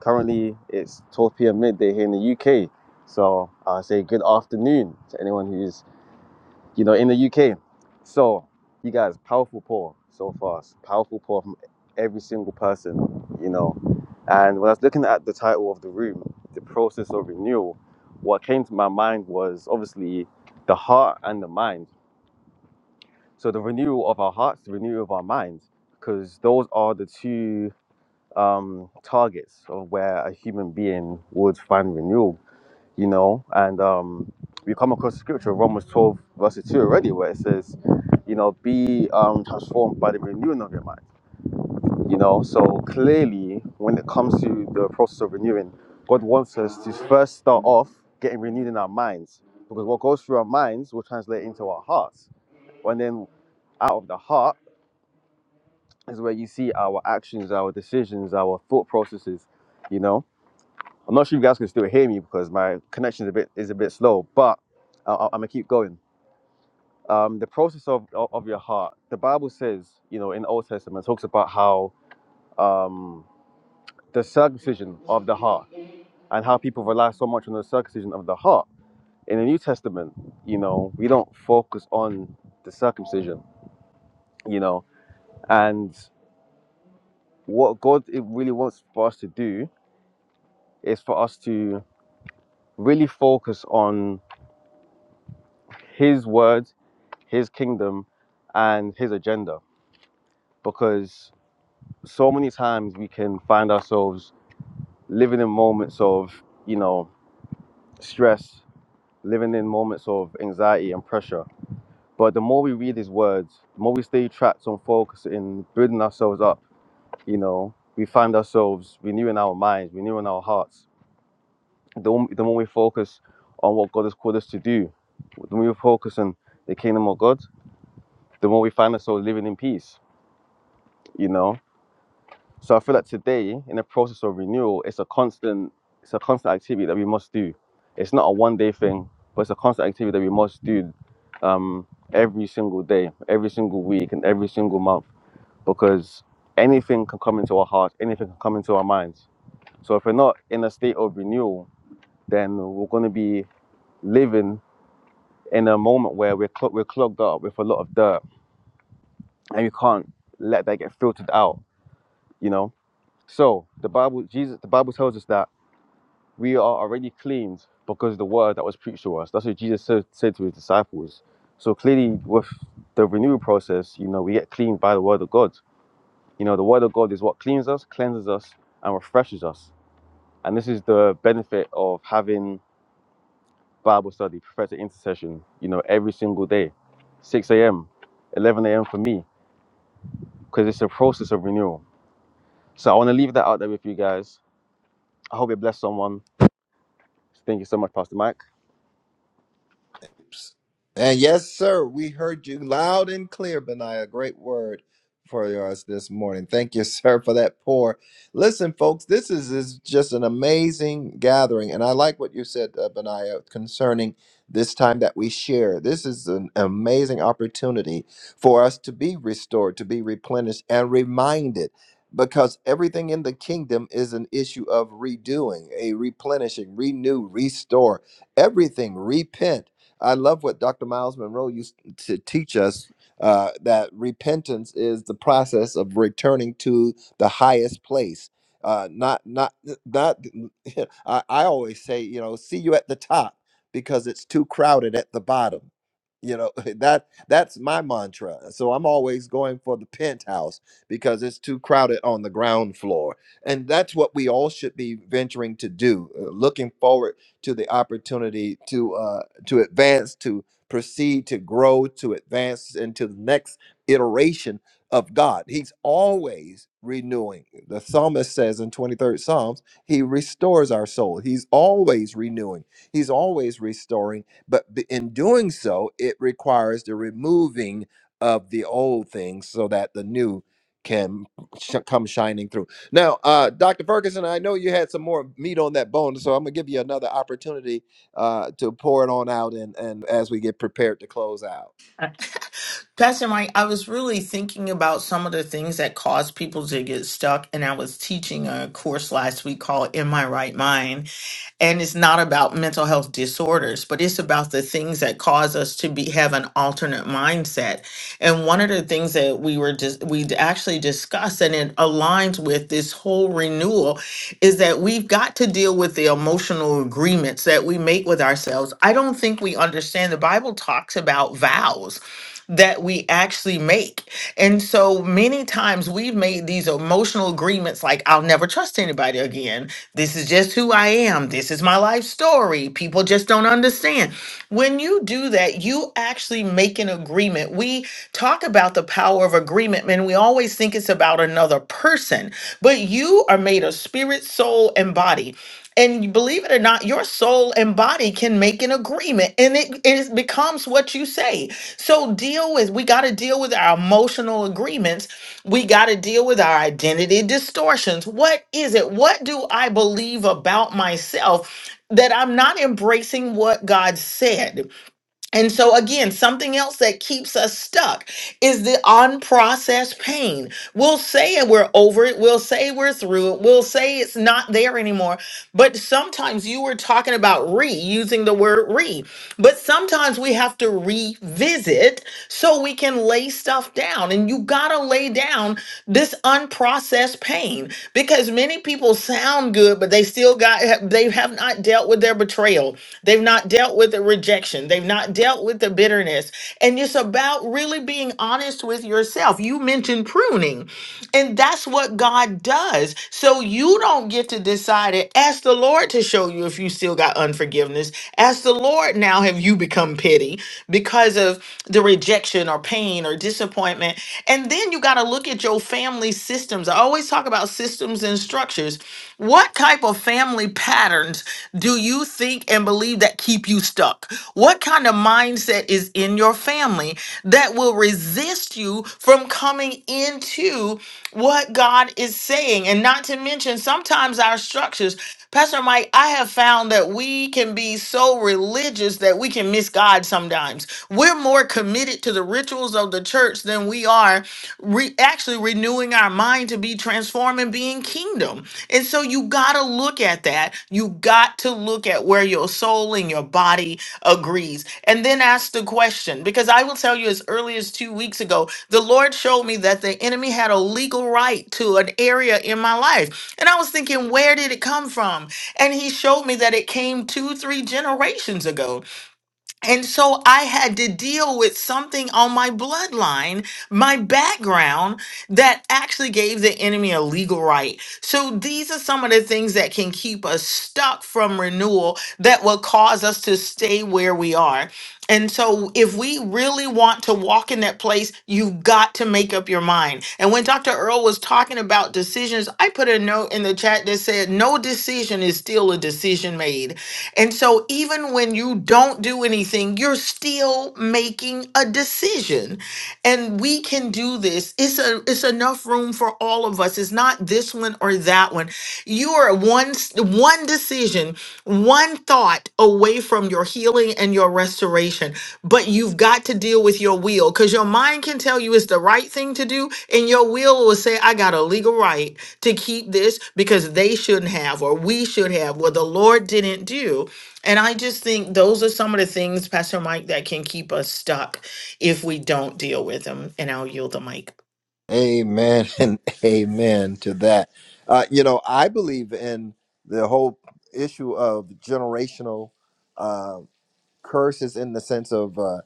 Speaker 9: Currently, it's 12 p.m. midday here in the UK, so I say good afternoon to anyone who's you know in the UK. So, you guys, powerful pour so far, powerful pour from every single person, you know. And when I was looking at the title of the room, the process of renewal, what came to my mind was obviously the heart and the mind. So the renewal of our hearts, the renewal of our minds, because those are the two um, targets of where a human being would find renewal, you know. And um, we come across the scripture, Romans 12, verse 2 already, where it says, you know, be um, transformed by the renewing of your mind, you know. So clearly, when it comes to the process of renewing, God wants us to first start off getting renewed in our minds, because what goes through our minds will translate into our hearts. And then out of the heart, is where you see our actions, our decisions, our thought processes. You know, I'm not sure if you guys can still hear me because my connection is a bit is a bit slow, but I, I, am gonna keep going. Um, the process of, of of your heart. The Bible says, you know, in the Old Testament, it talks about how um, the circumcision of the heart and how people rely so much on the circumcision of the heart. In the New Testament, you know, we don't focus on the circumcision. You know, and what God it really wants for us to do is for us to really focus on his word, his kingdom, and his agenda. Because so many times we can find ourselves living in moments of, you know, stress, living in moments of anxiety and pressure. But the more we read his words, the more we stay trapped on focus in building ourselves up, you know, we find ourselves renewing our minds, renewing our hearts. The, more- the more we focus on what God has called us to do, the more we focus on the kingdom of God, the more we find ourselves living in peace, you know. So I feel like today, in the process of renewal, it's a constant, it's a constant activity that we must do. It's not a one-day thing, but it's a constant activity that we must do um, every single day, every single week, and every single month, because anything can come into our hearts, anything can come into our minds. So if we're not in a state of renewal, then we're going to be living in a moment where we're cl- we're clogged up with a lot of dirt, and we can't let that get filtered out, you know So the Bible, Jesus, the Bible tells us that we are already cleansed because of the word that was preached to us. That's what Jesus said, said to his disciples. So clearly, with the renewal process, you know, we get cleaned by the word of God. You know, the word of God is what cleans us, cleanses us, and refreshes us. And this is the benefit of having Bible study, prophetic intercession. You know, every single day, 6 a.m., 11 a.m. for me, because it's a process of renewal. So I want to leave that out there with you guys. I hope it blessed someone. Thank you so much, Pastor Mike.
Speaker 1: groups. And yes, sir, we heard you loud and clear, Benaiah. Great word for us this morning. Thank you, *laughs* sir, for that pour. Listen, folks, this is, is just an amazing gathering. And I like what you said, uh, Benaiah, concerning this time that we share. This is an amazing opportunity for us to be restored, to be replenished, and reminded. Because everything in the kingdom is an issue of redoing, a replenishing, renew, restore everything. Repent I love what Dr. Miles Monroe used to teach us uh, that repentance is the process of returning to the highest place. Uh, not, not, not. *laughs* I, I always say, you know, see you at the top because it's too crowded at the bottom. You know *laughs* that that's my mantra. So I'm always going for the penthouse because it's too crowded on the ground floor, and that's what we all should be venturing to do. uh, Looking forward to the opportunity to uh, to advance, to proceed, to grow, to advance into the next iteration of God. He's always renewing. The psalmist says in 23rd Psalms, he restores our soul. He's always renewing. He's always restoring. But b- in doing so, it requires the removing of the old things so that the new can sh- come shining through. Now, uh, Dr. Ferguson, I know you had some more meat on that bone, so I'm gonna give you another opportunity uh, to pour it on out, and and as we get prepared to close out.
Speaker 4: Pastor Mike, I was really thinking about some of the things that cause people to get stuck. And I was teaching a course last week called In My Right Mind. And it's not about mental health disorders, but it's about the things that cause us to be have an alternate mindset. And one of the things that we were just we actually discussed, and it aligns with this whole renewal, is that we've got to deal with the emotional agreements that we make with ourselves. I don't think we understand the Bible talks about vows that we actually make. And so many times we've made these emotional agreements like, I'll never trust anybody again. This is just who I am. This is my life story. People just don't understand. When you do that, you actually make an agreement. We talk about the power of agreement, and we always think it's about another person, but you are made of spirit, soul, and body and believe it or not your soul and body can make an agreement and it, it is- becomes what you say so deal with we got to deal with our emotional agreements we got to deal with our identity distortions what is it what do i believe about myself that i'm not embracing what god said and so, again, something else that keeps us stuck is the unprocessed pain. We'll say it, we're over it. We'll say we're through it. We'll say it's not there anymore. But sometimes you were talking about re, using the word re. But sometimes we have to revisit so we can lay stuff down. And you got to lay down this unprocessed pain because many people sound good it, but they still got, they have not dealt with their betrayal. They've not dealt with the rejection. They've not dealt with the bitterness. And it's about really being honest with yourself. You mentioned pruning, and that's what God does. So you don't get to decide it. Ask the Lord to show you if you still got unforgiveness. Ask the Lord now, have you become petty because of the rejection or pain or disappointment? And then you got to look at your family systems. I always talk about systems and structures. What type of family patterns do you think and believe that keep you stuck? What kind of mindset is in your family that will resist you from coming into? what God is saying. And not to mention, sometimes our structures, Pastor Mike, I have found that we can be so religious that we can miss God sometimes. We're more committed to the rituals of the church than we are re- actually renewing our mind to be transformed form and being kingdom. And so you got to look at that. You got to look at where your soul and your body agrees. And then ask the question because I will tell you as early as 2 weeks ago, the Lord showed me that the enemy had a legal right to an area in my life. And I was thinking, where did it come from? And he showed me that it came 2 3 generations ago. And so I had to deal with something on my bloodline, my background that actually gave the enemy a legal right. So these are some of the things that can keep us stuck from renewal that will cause us to stay where we are. And so if we really want to walk in that place, you've got to make up your mind. And when Dr. Earl was talking about decisions, I put a note in the chat that said, no decision is still a decision made. And so even when you don't do anything, you're still making a decision and we can do this it's a it's enough room for all of us it's not this one or that one you are one s- one decision one thought away from your healing and your restoration but you've got to deal with your will because your mind can tell you it's the right thing to do and your will will say i got a legal right to keep this because they shouldn't have or we should have or the lord didn't do and i just think those are some of the things pastor mike that can keep us stuck if we don't deal with them. And I'll yield the mic.
Speaker 1: Amen *laughs* and amen to that. Uh, you know, I believe in the whole issue of generational. uh, curses in the sense of uh,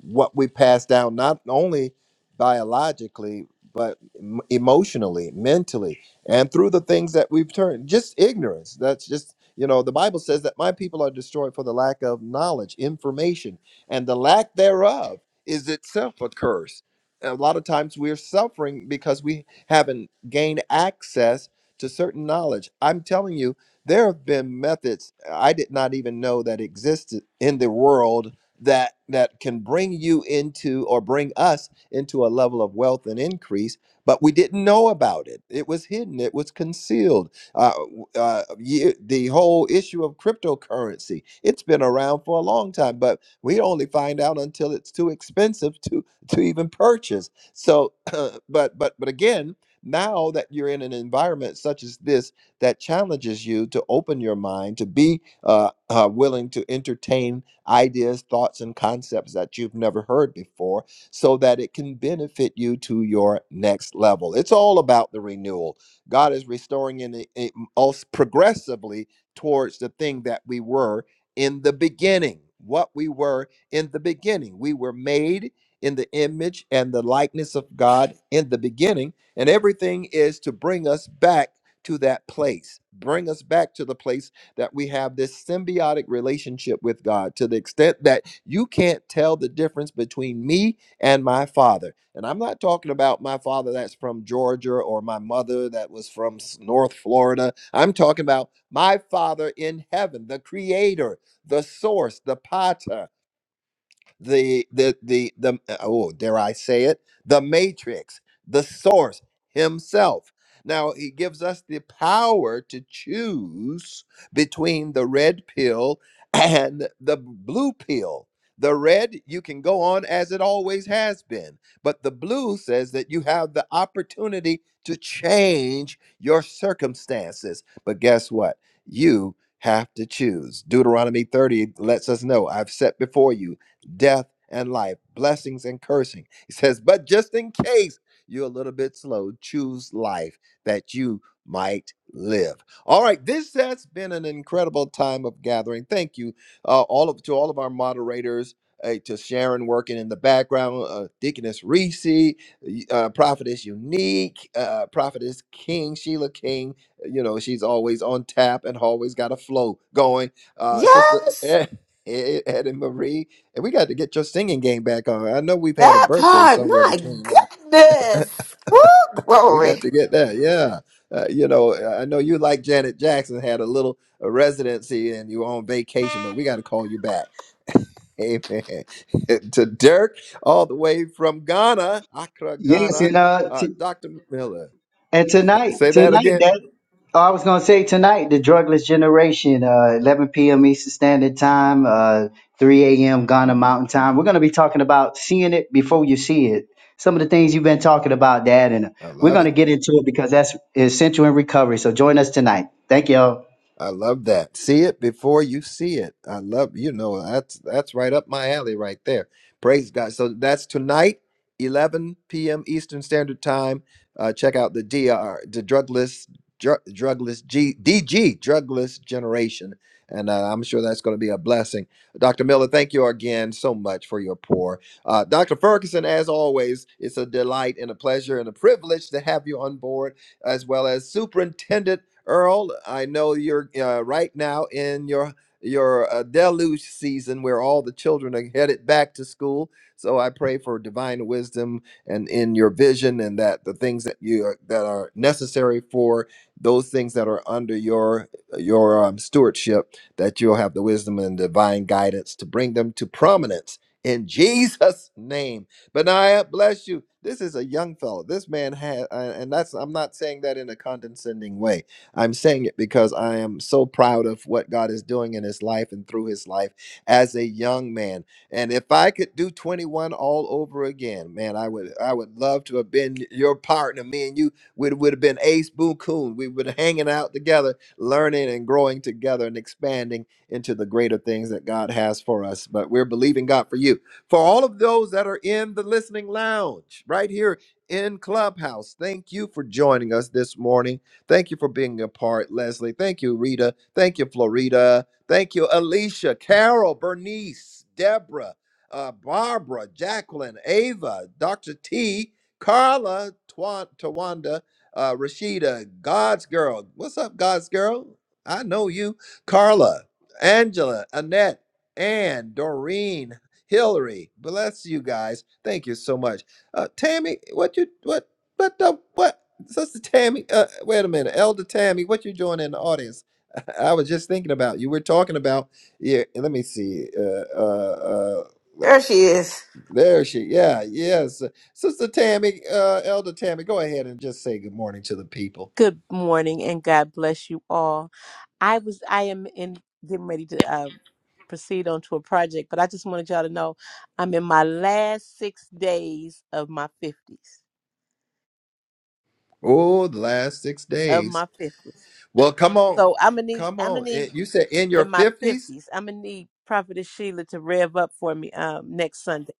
Speaker 1: what we pass down, not only biologically, but em- emotionally, mentally, and through the things that we've turned. Just ignorance. That's just, you know, the Bible says that my people are destroyed for the lack of knowledge, information, and the lack thereof is itself a curse. A lot of times we're suffering because we haven't gained access to certain knowledge. I'm telling you, there have been methods I did not even know that existed in the world that that can bring you into or bring us into a level of wealth and increase but we didn't know about it it was hidden it was concealed uh, w- uh, ye- the whole issue of cryptocurrency it's been around for a long time but we only find out until it's too expensive to to even purchase so *clears throat* but but but again now that you're in an environment such as this that challenges you to open your mind, to be uh, uh, willing to entertain ideas, thoughts, and concepts that you've never heard before so that it can benefit you to your next level. It's all about the renewal. God is restoring in, the, in us progressively towards the thing that we were in the beginning. What we were in the beginning. We were made in the image and the likeness of God in the beginning, and everything is to bring us back to that place. Bring us back to the place that we have this symbiotic relationship with God to the extent that you can't tell the difference between me and my father. And I'm not talking about my father that's from Georgia or my mother that was from s- North Florida. I'm talking about my father in heaven, the creator, the source, the pater the the the the uh, oh dare I say it the matrix the source himself now he gives us the power to choose between the red pill *clears throat* and the blue pill the red you can go on as it always has been but the blue says that you have the opportunity to change your circumstances but guess what you have to choose deuteronomy 30 lets us know i've set before you death and life, blessings and cursing. He says, but just in case you're a little bit slow, choose life that you might live. All right, this has been an incredible time of gathering. Thank you, uh, all of to all of our moderators. Uh, to Sharon working in the background, uh, Deaconess Reese, y- uh, Prophetess Unique, uh, Prophetess King, Sheila King. You know, she's always on tap and always got a flow going. Uh, Sister *laughs*
Speaker 2: Yes,
Speaker 1: Ed, Ed, and Marie, and we got to get your singing game back on. I know we've had a
Speaker 2: that
Speaker 1: birthday
Speaker 2: part.
Speaker 1: somewhere
Speaker 2: My
Speaker 1: between now. *laughs*
Speaker 2: goodness. Woo,
Speaker 1: we
Speaker 2: glory.
Speaker 1: got to get that. Yeah. Uh, you know, I know you like Janet Jackson had a little a residency and you were on vacation, but we got to call you back. *laughs* Amen. *laughs* to Dirk, all the way from Ghana, Accra,
Speaker 6: Yes,
Speaker 1: Ghana,
Speaker 6: and uh
Speaker 1: uh,
Speaker 6: t-
Speaker 1: Dr. Miller.
Speaker 6: and tonight,
Speaker 1: Say that
Speaker 6: tonight
Speaker 1: again.
Speaker 6: that oh, I was gonna say tonight, the drugless generation, uh eleven PM Eastern Standard Time, uh three AM Ghana Mountain Time. We're gonna be talking about seeing it before you see it. Some of the things you've been talking about, Dad, and
Speaker 1: I
Speaker 6: we're
Speaker 1: love it.
Speaker 6: gonna get into it because that's essential in recovery. So join us tonight. Thank y'all.
Speaker 1: I love that. See it before you see it. I love you know that's that's right up my alley right there. Praise God. So that's tonight, 11 p.m. Eastern Standard Time. Uh, check out the DR, the drugless, dr- drugless G, DG, drugless generation, and uh, I'm sure that's going to be a blessing. Dr. Miller, thank you again so much for your pour. Uh, Dr. Ferguson, as always, it's a delight and a pleasure and a privilege to have you on board, as well as Superintendent. Earl, I know you're uh, right now in your your uh, deluge season where all the children are headed back to school. So I pray for divine wisdom and in your vision, and that the things that you are, that are necessary for those things that are under your your um, stewardship, that you'll have the wisdom and divine guidance to bring them to prominence in *laughs* Jesus' name. Benaiah, bless you. This is a young fellow. This man had, uh, and that's I'm not saying that in a condescending way I'm saying it because I am so proud of what God is doing in his life and through his life as a young man. And if I could do 21 all over again, man, I would I would love to have been your partner. Me and you would would have been Ace Boo Coon. We would have hanging out together, learning and growing together and expanding into the greater things that God has for us. But we're believing God for you. For all of those that are in the listening lounge right here in Clubhouse, thank you for joining us this morning. Thank you for being a part, Leslie. Thank you, Rita. Thank you, Florida. Thank you, Alicia, Carol, Bernice, Deborah, uh, Barbara, Jacqueline, Ava, Dr. T, Carla, Twan- Tawanda, uh, Rashida, God's Girl. What's up, God's Girl? I know you. Carla, Angela, Annette, Ann, Doreen, Hillary. Bless you guys. Thank you so much. Uh, Tammy, what you what what the what? Sister Tammy, uh, wait a minute, Elder Tammy, what you doing in the audience? *laughs* I was just thinking about you. We're talking about yeah. Let me see. Uh, uh, uh, le-
Speaker 2: There she is.
Speaker 1: there she. Yeah, yes. Sister Tammy, uh, Elder Tammy, go ahead and just say good morning to the people.
Speaker 10: Good morning and God bless you all. I was I am in getting ready to uh, proceed on to a project, but I just wanted y'all to know I'm in my last six days of my fifties.
Speaker 1: Oh, the last six
Speaker 10: Of
Speaker 1: days.
Speaker 10: my fifties.
Speaker 1: Well, come on,
Speaker 10: So I'm gonna need
Speaker 1: come
Speaker 10: I'm gonna
Speaker 1: on. Eh,
Speaker 10: need
Speaker 1: You said in your
Speaker 10: in my
Speaker 1: fifties.
Speaker 10: fifties, I'm gonna need Prophetess Sheila to rev up for me um next Sunday.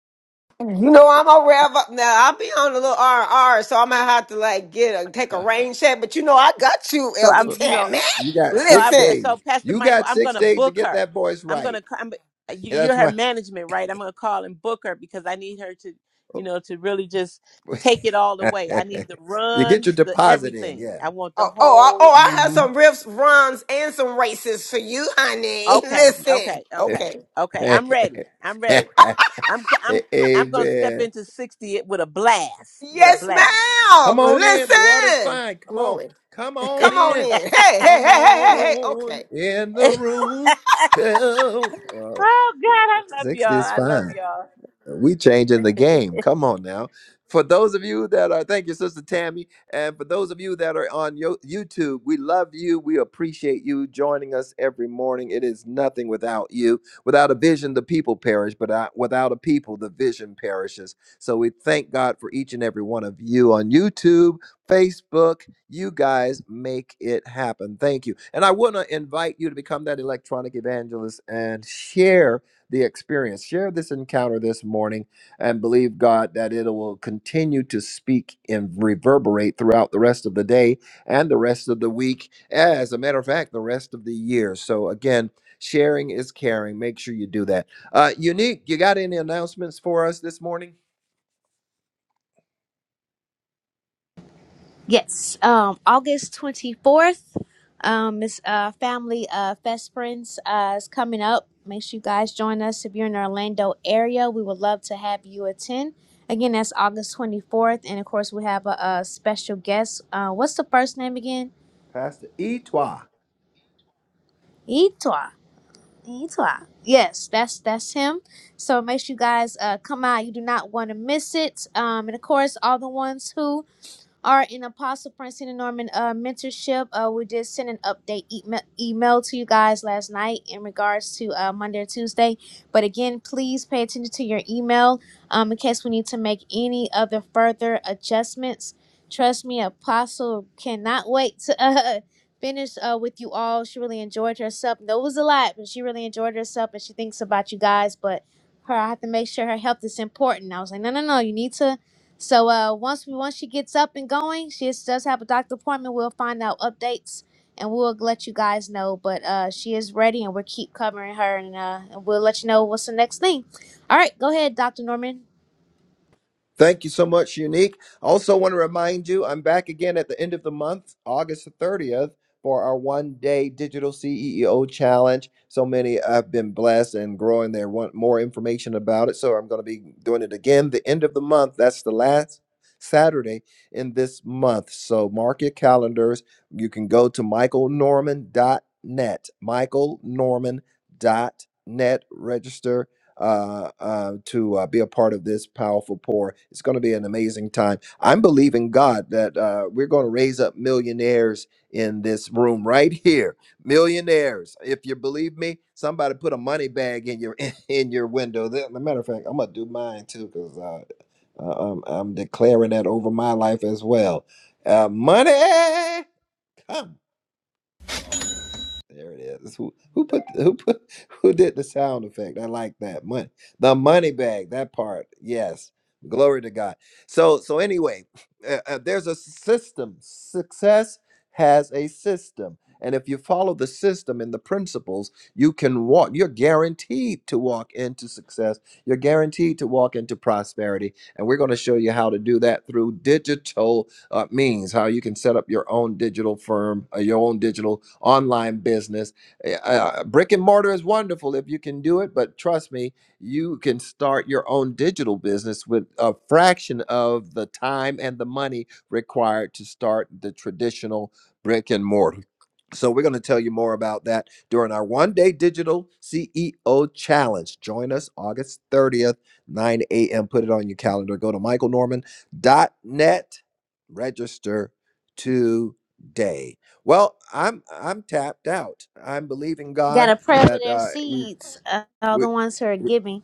Speaker 2: You know I'm a rev up now. I'll be on a little R&R, so I'm gonna have to like get a take a rain check. But you know I got you,
Speaker 10: So
Speaker 2: Elder
Speaker 10: I'm
Speaker 1: Uh,
Speaker 10: you know,
Speaker 2: Tammy.
Speaker 1: You
Speaker 2: *laughs*
Speaker 1: got
Speaker 10: So
Speaker 1: six
Speaker 10: I
Speaker 2: Listen.
Speaker 10: so
Speaker 1: days.
Speaker 10: Pastor
Speaker 1: You
Speaker 10: Michael,
Speaker 1: got
Speaker 10: I'm
Speaker 1: six
Speaker 10: gonna
Speaker 1: days to
Speaker 10: book
Speaker 1: get
Speaker 10: her.
Speaker 1: that voice
Speaker 10: I'm gonna
Speaker 1: right.
Speaker 10: c- I'm, uh,
Speaker 1: *laughs*
Speaker 10: you- you're
Speaker 1: That's
Speaker 10: her
Speaker 1: right.
Speaker 10: management, right? I'm gonna call and book her because I need her to, you know, to really just
Speaker 1: *laughs*
Speaker 10: take it all away. I need the
Speaker 1: you get your
Speaker 10: runs, the
Speaker 1: deposit in.
Speaker 10: everything.
Speaker 1: yeah.
Speaker 10: I want the
Speaker 2: Oh, oh, I- oh,
Speaker 10: whole.
Speaker 2: I have
Speaker 1: hmm
Speaker 2: some riffs, runs, and some races for you, honey. *laughs*
Speaker 10: Okay,
Speaker 2: Listen.
Speaker 10: okay, okay,
Speaker 2: Okay.
Speaker 1: *laughs*
Speaker 10: okay. I'm ready. I'm ready. I'm g- I'm I'm gonna step
Speaker 1: Amen.
Speaker 10: into sixty with a blast. With a
Speaker 2: Yes,
Speaker 10: blast.
Speaker 2: ma'am.
Speaker 1: Come on in. The water's
Speaker 2: Listen.
Speaker 1: fine. Come on.
Speaker 2: Glory.
Speaker 1: Come
Speaker 10: *laughs* oh
Speaker 1: on
Speaker 2: Come on
Speaker 1: in.
Speaker 2: in. Hey, hey,
Speaker 1: Come
Speaker 2: hey, hey, hey, hey.
Speaker 1: on
Speaker 2: Okay.
Speaker 1: in the room. Hell,
Speaker 10: God,
Speaker 1: uh,
Speaker 10: I love y'all.
Speaker 1: 60 is
Speaker 10: I love
Speaker 1: fine.
Speaker 10: y'all.
Speaker 1: We changing the game. Come on now. For those of you that are, thank you, Sister Tammy. And for those of you
Speaker 10: *laughs*
Speaker 1: that are on Yo- YouTube, we love you. We appreciate you joining us every morning. It is nothing without you. Without a vision, the people perish, but uh, without a people, the vision perishes. So we thank God for each and every one of you on YouTube, Facebook. You guys make it happen. Thank you. And I want to invite you to become that electronic evangelist and share the experience. Share this encounter this morning and believe God that it will continue to speak and reverberate throughout the rest of the day and the rest of the week. As a matter of fact, the rest of the year. So, again, sharing is caring. Make sure you do that. Uh, Unique, you got any announcements for us this morning?
Speaker 11: Yes, um, August 24th, um, is uh, Family uh, Fest Friends uh, is coming up. Make sure you guys join us if you're in the Orlando area. We would love to have you attend. Again, that's August 24th. And of course, we have a, a special guest. Uh, what's the first name again?
Speaker 1: Pastor Etwa.
Speaker 11: Itwa. Itwa. Yes, that's that's him. So make sure you guys uh, come out. You do not want to miss it. Um, and of course, all the ones who All right, and Apostle Francina Norman uh, mentorship. Uh, we did send an update email, email to you guys last night in regards to uh, Monday or Tuesday. But again, please pay attention to your email um, in case we need to make any other further adjustments. Trust me, Apostle cannot wait to uh, *laughs* finish uh, with you all. She really enjoyed herself. That was a lot, but she really enjoyed herself and she thinks about you guys. But her, I have to make sure her health is important. I was like, no, no, no, you need to so uh, once we once she gets up and going, she is, does have a doctor appointment. We'll find out updates and we'll let you guys know. But uh, she is ready, and we'll keep covering her, and, uh, and we'll let you know what's the next thing. All right, go ahead, Doctor Norman.
Speaker 1: Thank you so much, Unique. I also want to remind you, I'm back again at the end of the month, August the 30th, for our one day digital CEO challenge. So many have been blessed and growing. They want more information about it. So I'm going to be doing it again the end of the month. That's the last Saturday in this month. So mark your calendars. You can go to michaelnorman.net, michaelnorman.net, register uh, uh, to uh, be a part of this powerful pour. It's going to be an amazing time. I'm believing God that uh, we're going to raise up millionaires in this room right here. Millionaires, if you believe me, somebody put a money bag in your *laughs* in your window. Th- As a matter of fact, I'm gonna do mine too because uh, uh, I'm, I'm declaring that over my life as well. Uh, money. Come there it is. Who who put who put *laughs* who did the sound effect? I like that. Money the money bag, that part. Yes. Glory to God. So so anyway, uh, uh, there's a system. Success has a system. And if you follow the system and the principles, you can walk. You're guaranteed to walk into success. You're guaranteed to walk into prosperity. And we're going to show you how to do that through digital uh, means, how you can set up your own digital firm, uh, your own digital online business. Eh, Uh, uh, brick and mortar is wonderful if you can do it, but trust me, you can start your own digital business with a fraction of the time and the money required to start the traditional brick and mortar. So, we're going to tell you more about that during our one day digital CEO challenge. Join us August 30th, 9 a.m. Put it on your calendar. Go to michael norman dot net register today. Well, I'm I'm tapped out. I'm believing
Speaker 11: Got
Speaker 1: God
Speaker 11: to pray over
Speaker 1: that
Speaker 11: their
Speaker 1: uh, we,
Speaker 11: seeds, uh, all
Speaker 1: we
Speaker 11: the ones who are
Speaker 1: we-
Speaker 11: giving.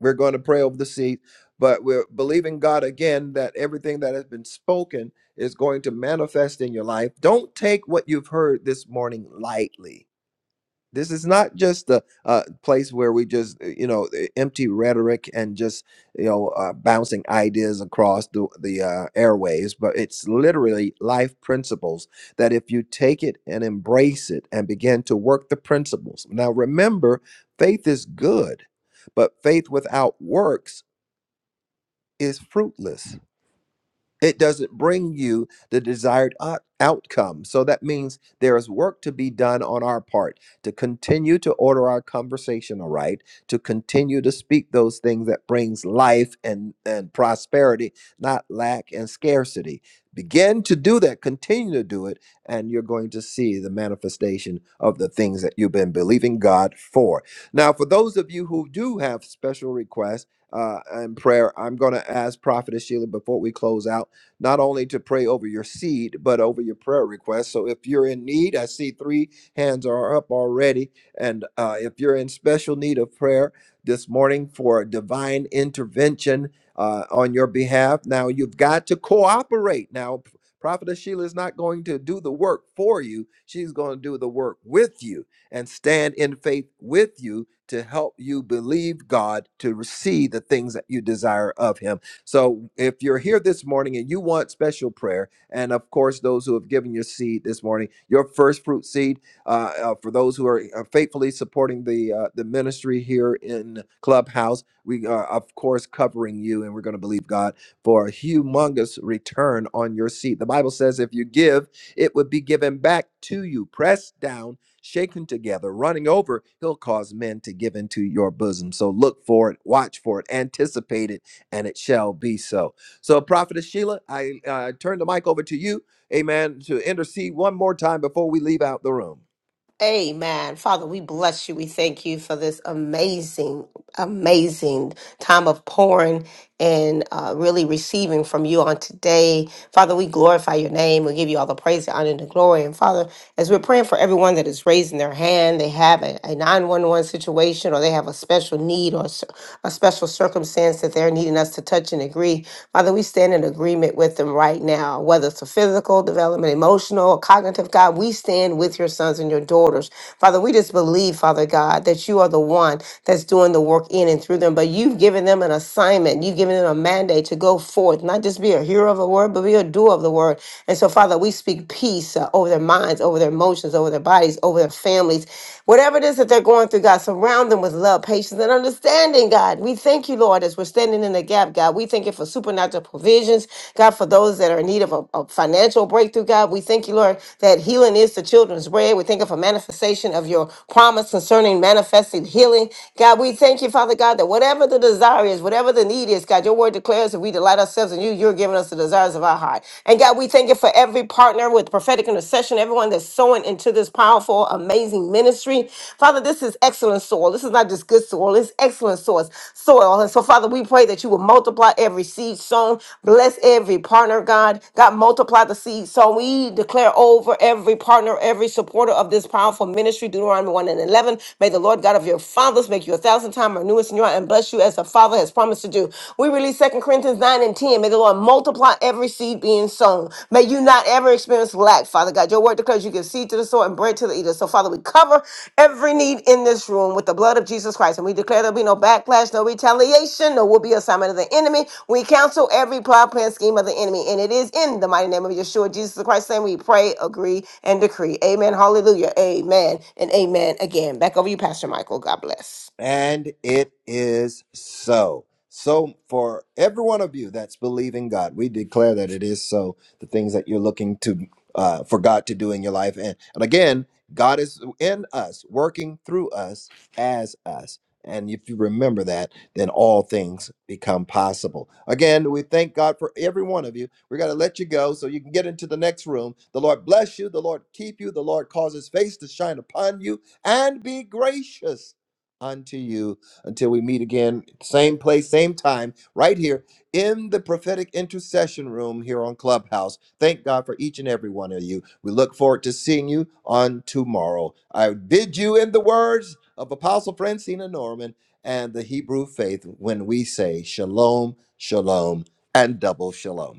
Speaker 1: we're going to pray over the seat, but we're believing God again that everything that has been spoken is going to manifest in your life. Don't take what you've heard this morning lightly this is not just a, a place where we just, uh, you know, uh, empty rhetoric and just, you know, uh, bouncing ideas across the, the uh, airwaves, but it's literally life principles that if you take it and embrace it and begin to work the principles. Now, remember, faith is good, but faith without works is fruitless it doesn't bring you the desired out- outcome. So that means there is work to be done on our part to continue to order our conversation all right, to continue to speak those things that brings life and, and prosperity, not lack and scarcity. Begin to do that, continue to do it, and you're going to see the manifestation of the things that you've been believing God for. Now, for those of you who do have special requests uh, and prayer, I'm going to ask Prophetess Sheila before we close out not only to pray over your seed, but over your prayer request. So if you're in need, I see three hands are up already. And uh, if you're in special need of prayer this morning for divine intervention uh, on your behalf, now you've got to cooperate. Now, Prophetess Sheila is not going to do the work for you, she's going to do the work with you and stand in faith with you to help you believe God to receive the things that you desire of Him. So if you're here this morning and you want special prayer, and of course, those who have given your seed this morning, your first fruit seed, uh, uh, for those who are uh, faithfully supporting the uh, the ministry here in Clubhouse, we are of course covering you, and we're going to believe God for a humongous return on your seed. The Bible says, if you give, it would be given back to you, pressed down, shaken together, running over. He'll cause men to give into your bosom. So look for it, watch for it, anticipate it and it shall be so. So, Prophetess Sheila, I uh, turn the mic over to you, amen, to intercede one more time before we leave out the room.
Speaker 2: Amen. Father, we bless you. We thank you for this amazing amazing time of pouring and uh, really receiving from you on today. Father, we glorify your name. We give you all the praise, the honor, and the glory. And Father, as we're praying for everyone that is raising their hand, they have a, a 911 situation or they have a special need or s- a special circumstance that they're needing us to touch and agree. Father, we stand in agreement with them right now, whether it's a physical development, emotional, or cognitive, God, we stand with your sons and your daughters. Father, we just believe, Father God, that you are the one that's doing the doing the work in and through them, but you've given them an assignment. You've given them a mandate to go forth, not just be a hearer of the word, but be a doer of the word. And so, Father, we speak peace uh, over their minds, over their emotions, over their bodies, over their families. Whatever it is that they're going through, God, surround them with love, patience, and understanding, God. We thank you, Lord, as we're standing in the gap, God. We thank you for supernatural provisions, God, for those that are in need of a, a financial breakthrough, God. We thank you, Lord, that healing is the children's bread. We thank you for manifestation of your promise concerning manifested healing. God, we we thank you, Father God, that whatever the desire is, whatever the need is, God, your word declares that we delight ourselves in you. You're giving us the desires of our heart. And God, we thank you for every partner with prophetic intercession, everyone that's sowing into this powerful, amazing ministry. Father, this is excellent soil. This is not just good soil, it's excellent source, soil. And so, Father, we pray that you will multiply every seed sown. Bless every partner, God. God, multiply the seed sown. We declare over every partner, every supporter of this powerful ministry, Deuteronomy 1 and 11. May the Lord God of your fathers make you a you a thousand times our newest and you are, and bless you as the Father has promised to do. We release Second Corinthians 9 and 10. May the Lord multiply every seed being sown. May you not ever experience lack, Father God. Your word declares you give seed to the sower and bread to the eater. So, Father, we cover every need in this room with the blood of Jesus Christ. And we declare there'll be no backlash, no retaliation, no will be assignment of the enemy. We cancel every plot, plan, scheme of the enemy. And it is in the mighty name of Yeshua, Jesus Christ, saying we pray, agree, and decree. Amen. Hallelujah. Amen. And amen again. Back over you, Pastor Michael. God bless.
Speaker 1: And it is so. So, for every one of you that's believing God, we declare that it is so. The things that you're looking to uh, for God to do in your life, and and again, God is in us, working through us as us. And if you remember that, then all things become possible. Again, we thank God for every one of you. We're going to let you go so you can get into the next room. The Lord bless you. The Lord keep you. The Lord cause his face to shine upon you and be gracious unto you until we meet again, same place, same time, right here in the prophetic intercession room here on Clubhouse. Thank God for each and every one of you. We look forward to seeing you on tomorrow. I bid you in the words of Apostle Francina Norman and the Hebrew faith when we say shalom, shalom, and double shalom.